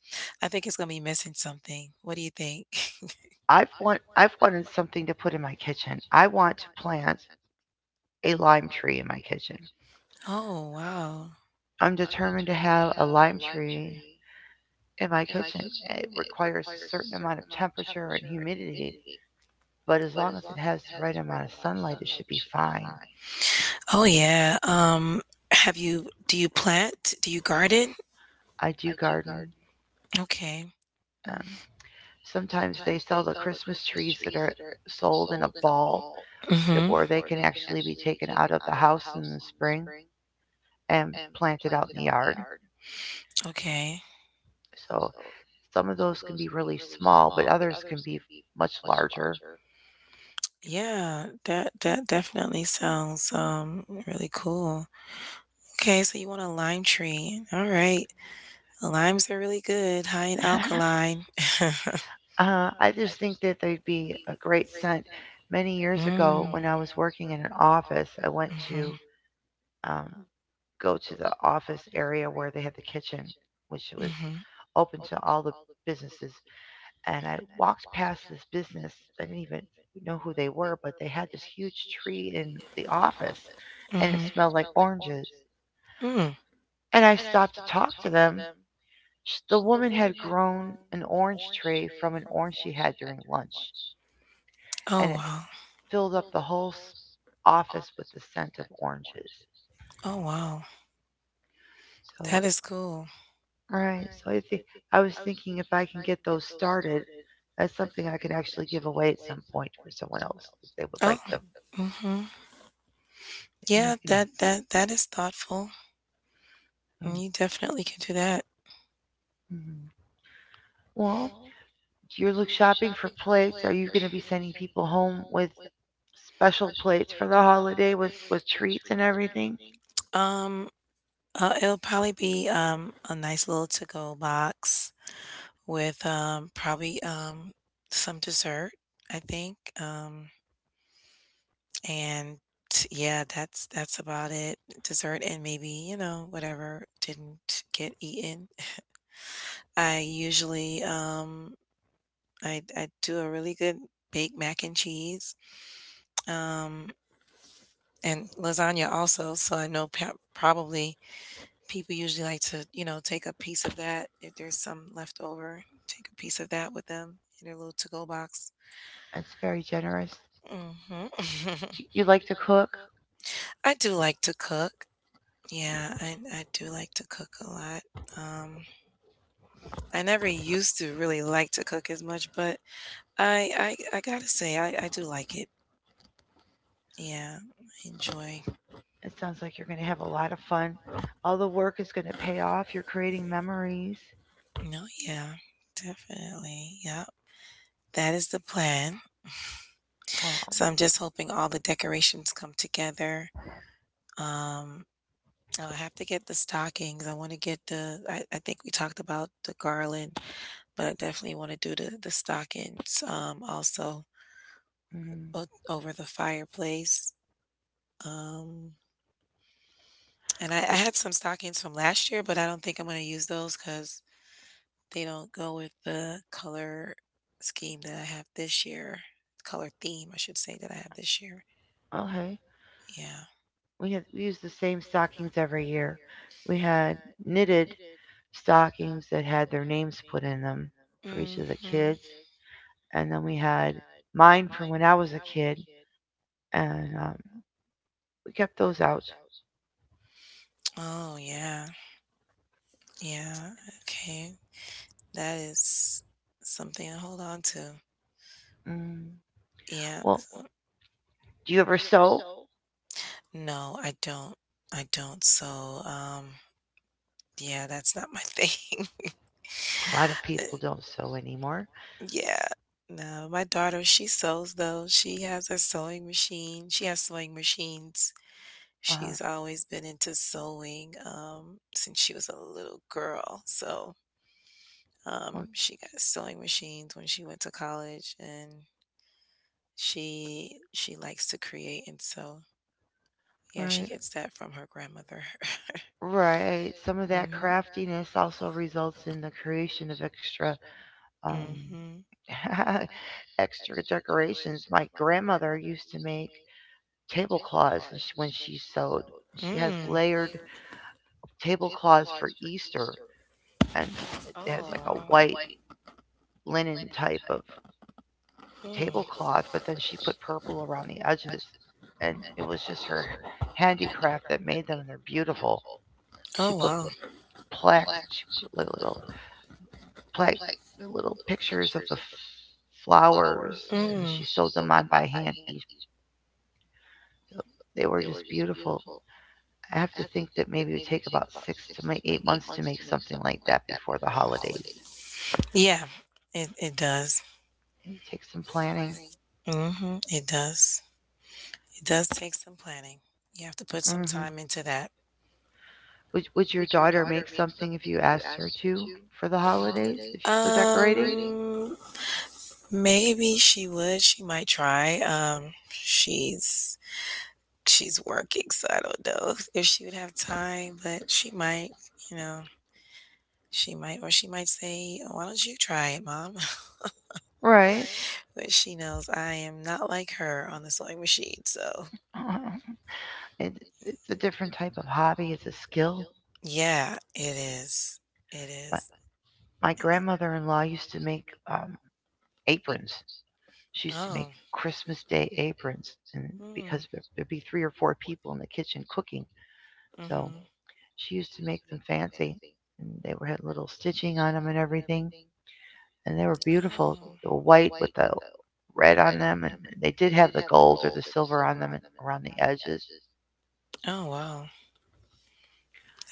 S2: I think it's gonna be missing something. What do you think?
S1: I've want I've wanted something to put in my kitchen. I want to plant a lime tree in my kitchen.
S2: Oh wow.
S1: I'm determined to have a lime tree in my kitchen. It requires a certain amount of temperature and humidity, but as long as it has the right amount of sunlight, it should be fine.
S2: Oh yeah. Um, have you do you plant? Do you garden?
S1: I do garden.
S2: Okay.
S1: Um, Sometimes they sell the Christmas trees that are sold in a ball that
S2: Mm-hmm.
S1: where they can actually be taken out of the house in the spring and planted out in the yard.
S2: Okay.
S1: So some of those can be really small, but others can be much larger.
S2: Yeah, that that definitely sounds um really cool. Okay, so you want a lime tree. All right. Limes are really good, high in alkaline. Many
S1: Uh, I just think that they'd be a great scent. Many years
S2: Mm.
S1: ago, when I was working in an office, I went
S2: Mhm.
S1: to um, go to the office area where they had the kitchen, which was
S2: Mhm.
S1: open to all the businesses. And I walked past this business. I didn't even know who they were, but they had this huge tree in the office and it
S2: Mhm.
S1: smelled like oranges.
S2: Mm.
S1: And I stopped to talk to them. Sh- The woman had grown an orange tree from an orange she had during lunch.
S2: Oh
S1: And it
S2: wow.
S1: filled up the whole office with the scent of oranges.
S2: Oh wow.
S1: So,
S2: That is cool.
S1: all right. So I think I was thinking if I can get those started, that's something I could actually give away at some point for someone else if they would
S2: Oh.
S1: like
S2: the
S1: them.
S2: Mhm. Yeah,
S1: They nice.
S2: that that that is thoughtful.
S1: So,
S2: And You definitely can do that.
S1: mhm. Well, you're look shopping for plates. Are you going to be sending people home with special plates for the holiday with with treats and everything?
S2: Um uh, It'll probably be um a nice little to-go box. with, um, probably, um, some dessert, I think, um, and yeah, that's that's about it. Dessert and maybe, you know, whatever didn't get eaten. I usually, um, I I do a really good baked mac and cheese, um, and lasagna also, so I know pa probably people usually like to, you know, take a piece of that if there's some left over, take a piece of that with them in their little to-go box.
S1: That's very generous.
S2: Hmm.
S1: You like to cook?
S2: I do like to cook. Yeah, I, I do like to cook a lot. Um, I never used to really like to cook as much, but I I, I gotta say I, I do like it. Yeah, I enjoy.
S1: It sounds like you're going to have a lot of fun. All the work is going to pay off. You're creating memories.
S2: No, yeah, definitely. Yeah, that is the plan. So
S1: Um,
S2: I'm just hoping all the decorations come together. Um, Oh, I have to get the stockings. I want to get the I, I think we talked about the garland, but I definitely want to do the the stockings um also
S1: mhm.
S2: o- over the fireplace. Um and I, I
S1: The-
S2: had some stockings from last year, but I don't think I'm going to use those cuz they don't go with the color scheme that I have this year. Color theme, I should say, that I have this year.
S1: okay.
S2: Yeah.
S1: We had we used the same stockings every year. We had knitted stockings that had their names put in them for each
S2: is
S1: of the
S2: Mhm.
S1: kids, and then we had mine from when I was a kid, and um, we kept those out.
S2: Oh, yeah. Yeah. Okay. That is something to hold on to.
S1: Mm.
S2: Yeah,
S1: Well,
S2: so
S1: do you ever sew?
S2: no, I don't. I don't. So, um, yeah, that's not my thing. A.
S1: A lot of people don't sew anymore.
S2: Yeah. No, my daughter, she sews though. She has a sewing machine. She has sewing machines.
S1: Uh,
S2: She's always been into sewing um since she was a little girl. So,
S1: well,
S2: um she got sewing machines when she went to college and she she likes to create and sew. Yeah, she
S1: right.
S2: gets that from her grandmother.
S1: Right. Some of that
S2: Hmm.
S1: craftiness also results in the creation of extra um
S2: Hmm she had
S1: extra decorations. My grandmother used to make tablecloths and she- when she sewed. She
S2: Mm. That's
S1: has
S2: and
S1: layered tablecloths for Easter and
S2: oh,
S1: it has like a white
S2: wow.
S1: linen type of
S2: Mm.
S1: tablecloth, but then she put purple around the edges and it was just her handicraft that made them and they're beautiful.
S2: Oh,
S1: She
S2: she
S1: put
S2: wow.
S1: plaques, she put like little like the little pictures of the f- flowers,
S2: Put.
S1: and
S2: Mm.
S1: she sewed them on by hand. Each
S2: Each.
S1: So they were just beautiful. I have to think that maybe it would take about six to ma- eight months to make something like that before the holidays.
S2: Yeah, it, it does.
S1: It would take some planning.
S2: Hmm. It does. It does take some planning. You have to put some
S1: hmm
S2: time into that.
S1: Would Would your daughter make something if you asked her to for the
S2: All
S1: holidays if,
S2: the
S1: for
S2: Um,
S1: decorating?
S2: maybe she would. She might try. Um, she's she's working, so I don't know if she would have time, but she might, you know, she might, or she might say, "Oh, why don't you try it, mom?"
S1: Right.
S2: But she knows I am not like her on the sewing machine, so
S1: It, it's a different type of hobby. It's a skill.
S2: yeah, it is. It
S1: My
S2: is.
S1: my grandmother in law used to make um, aprons. She used to make
S2: Oh.
S1: Christmas Day aprons, and
S2: Mm.
S1: because there would be three or four people in the kitchen cooking, so
S2: Mm-hmm.
S1: she used to make them fancy, and they were had little stitching on them and everything, and they were beautiful.
S2: Oh.
S1: The white with the red on them, and they did have the gold or the silver on them and around the edges.
S2: Oh wow.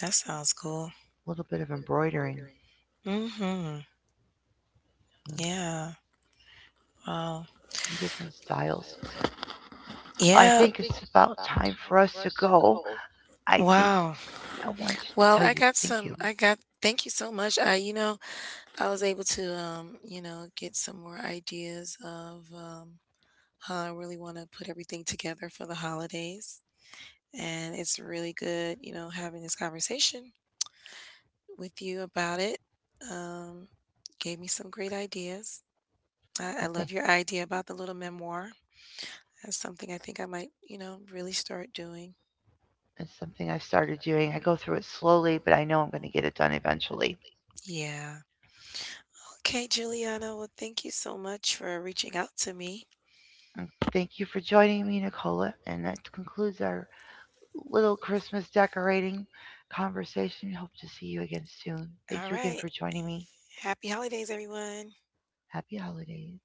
S2: That sounds cool.
S1: A little bit of embroidering
S2: Mm-hmm.
S1: mm,
S2: Yeah. Wow.
S1: in different styles. I
S2: Yeah.
S1: think it's about time for us to go. I think
S2: Wow.
S1: I want to
S2: Well,
S1: tell
S2: I
S1: you
S2: got
S1: thank
S2: some
S1: you.
S2: I got thank you so much. I you know, I was able to um, you know, get some more ideas of um how I really want to put everything together for the holidays. And it's really good, you know, having this conversation with you about it. Um gave me some great ideas. I, I
S1: Well, thank
S2: love your idea about the little memoir. That's something I think I might, you know, really start doing.
S1: it's something I started doing. I go through it slowly, but I know I'm going to get it done eventually.
S2: Yeah. Okay, Juliana. Well, thank you so much for reaching out to me.
S1: And thank you for joining me, Nicola. And that concludes our little Christmas decorating conversation. Hope to see you again soon. Thank
S2: All
S1: you again
S2: right.
S1: for joining me.
S2: Happy holidays, everyone.
S1: Happy holidays.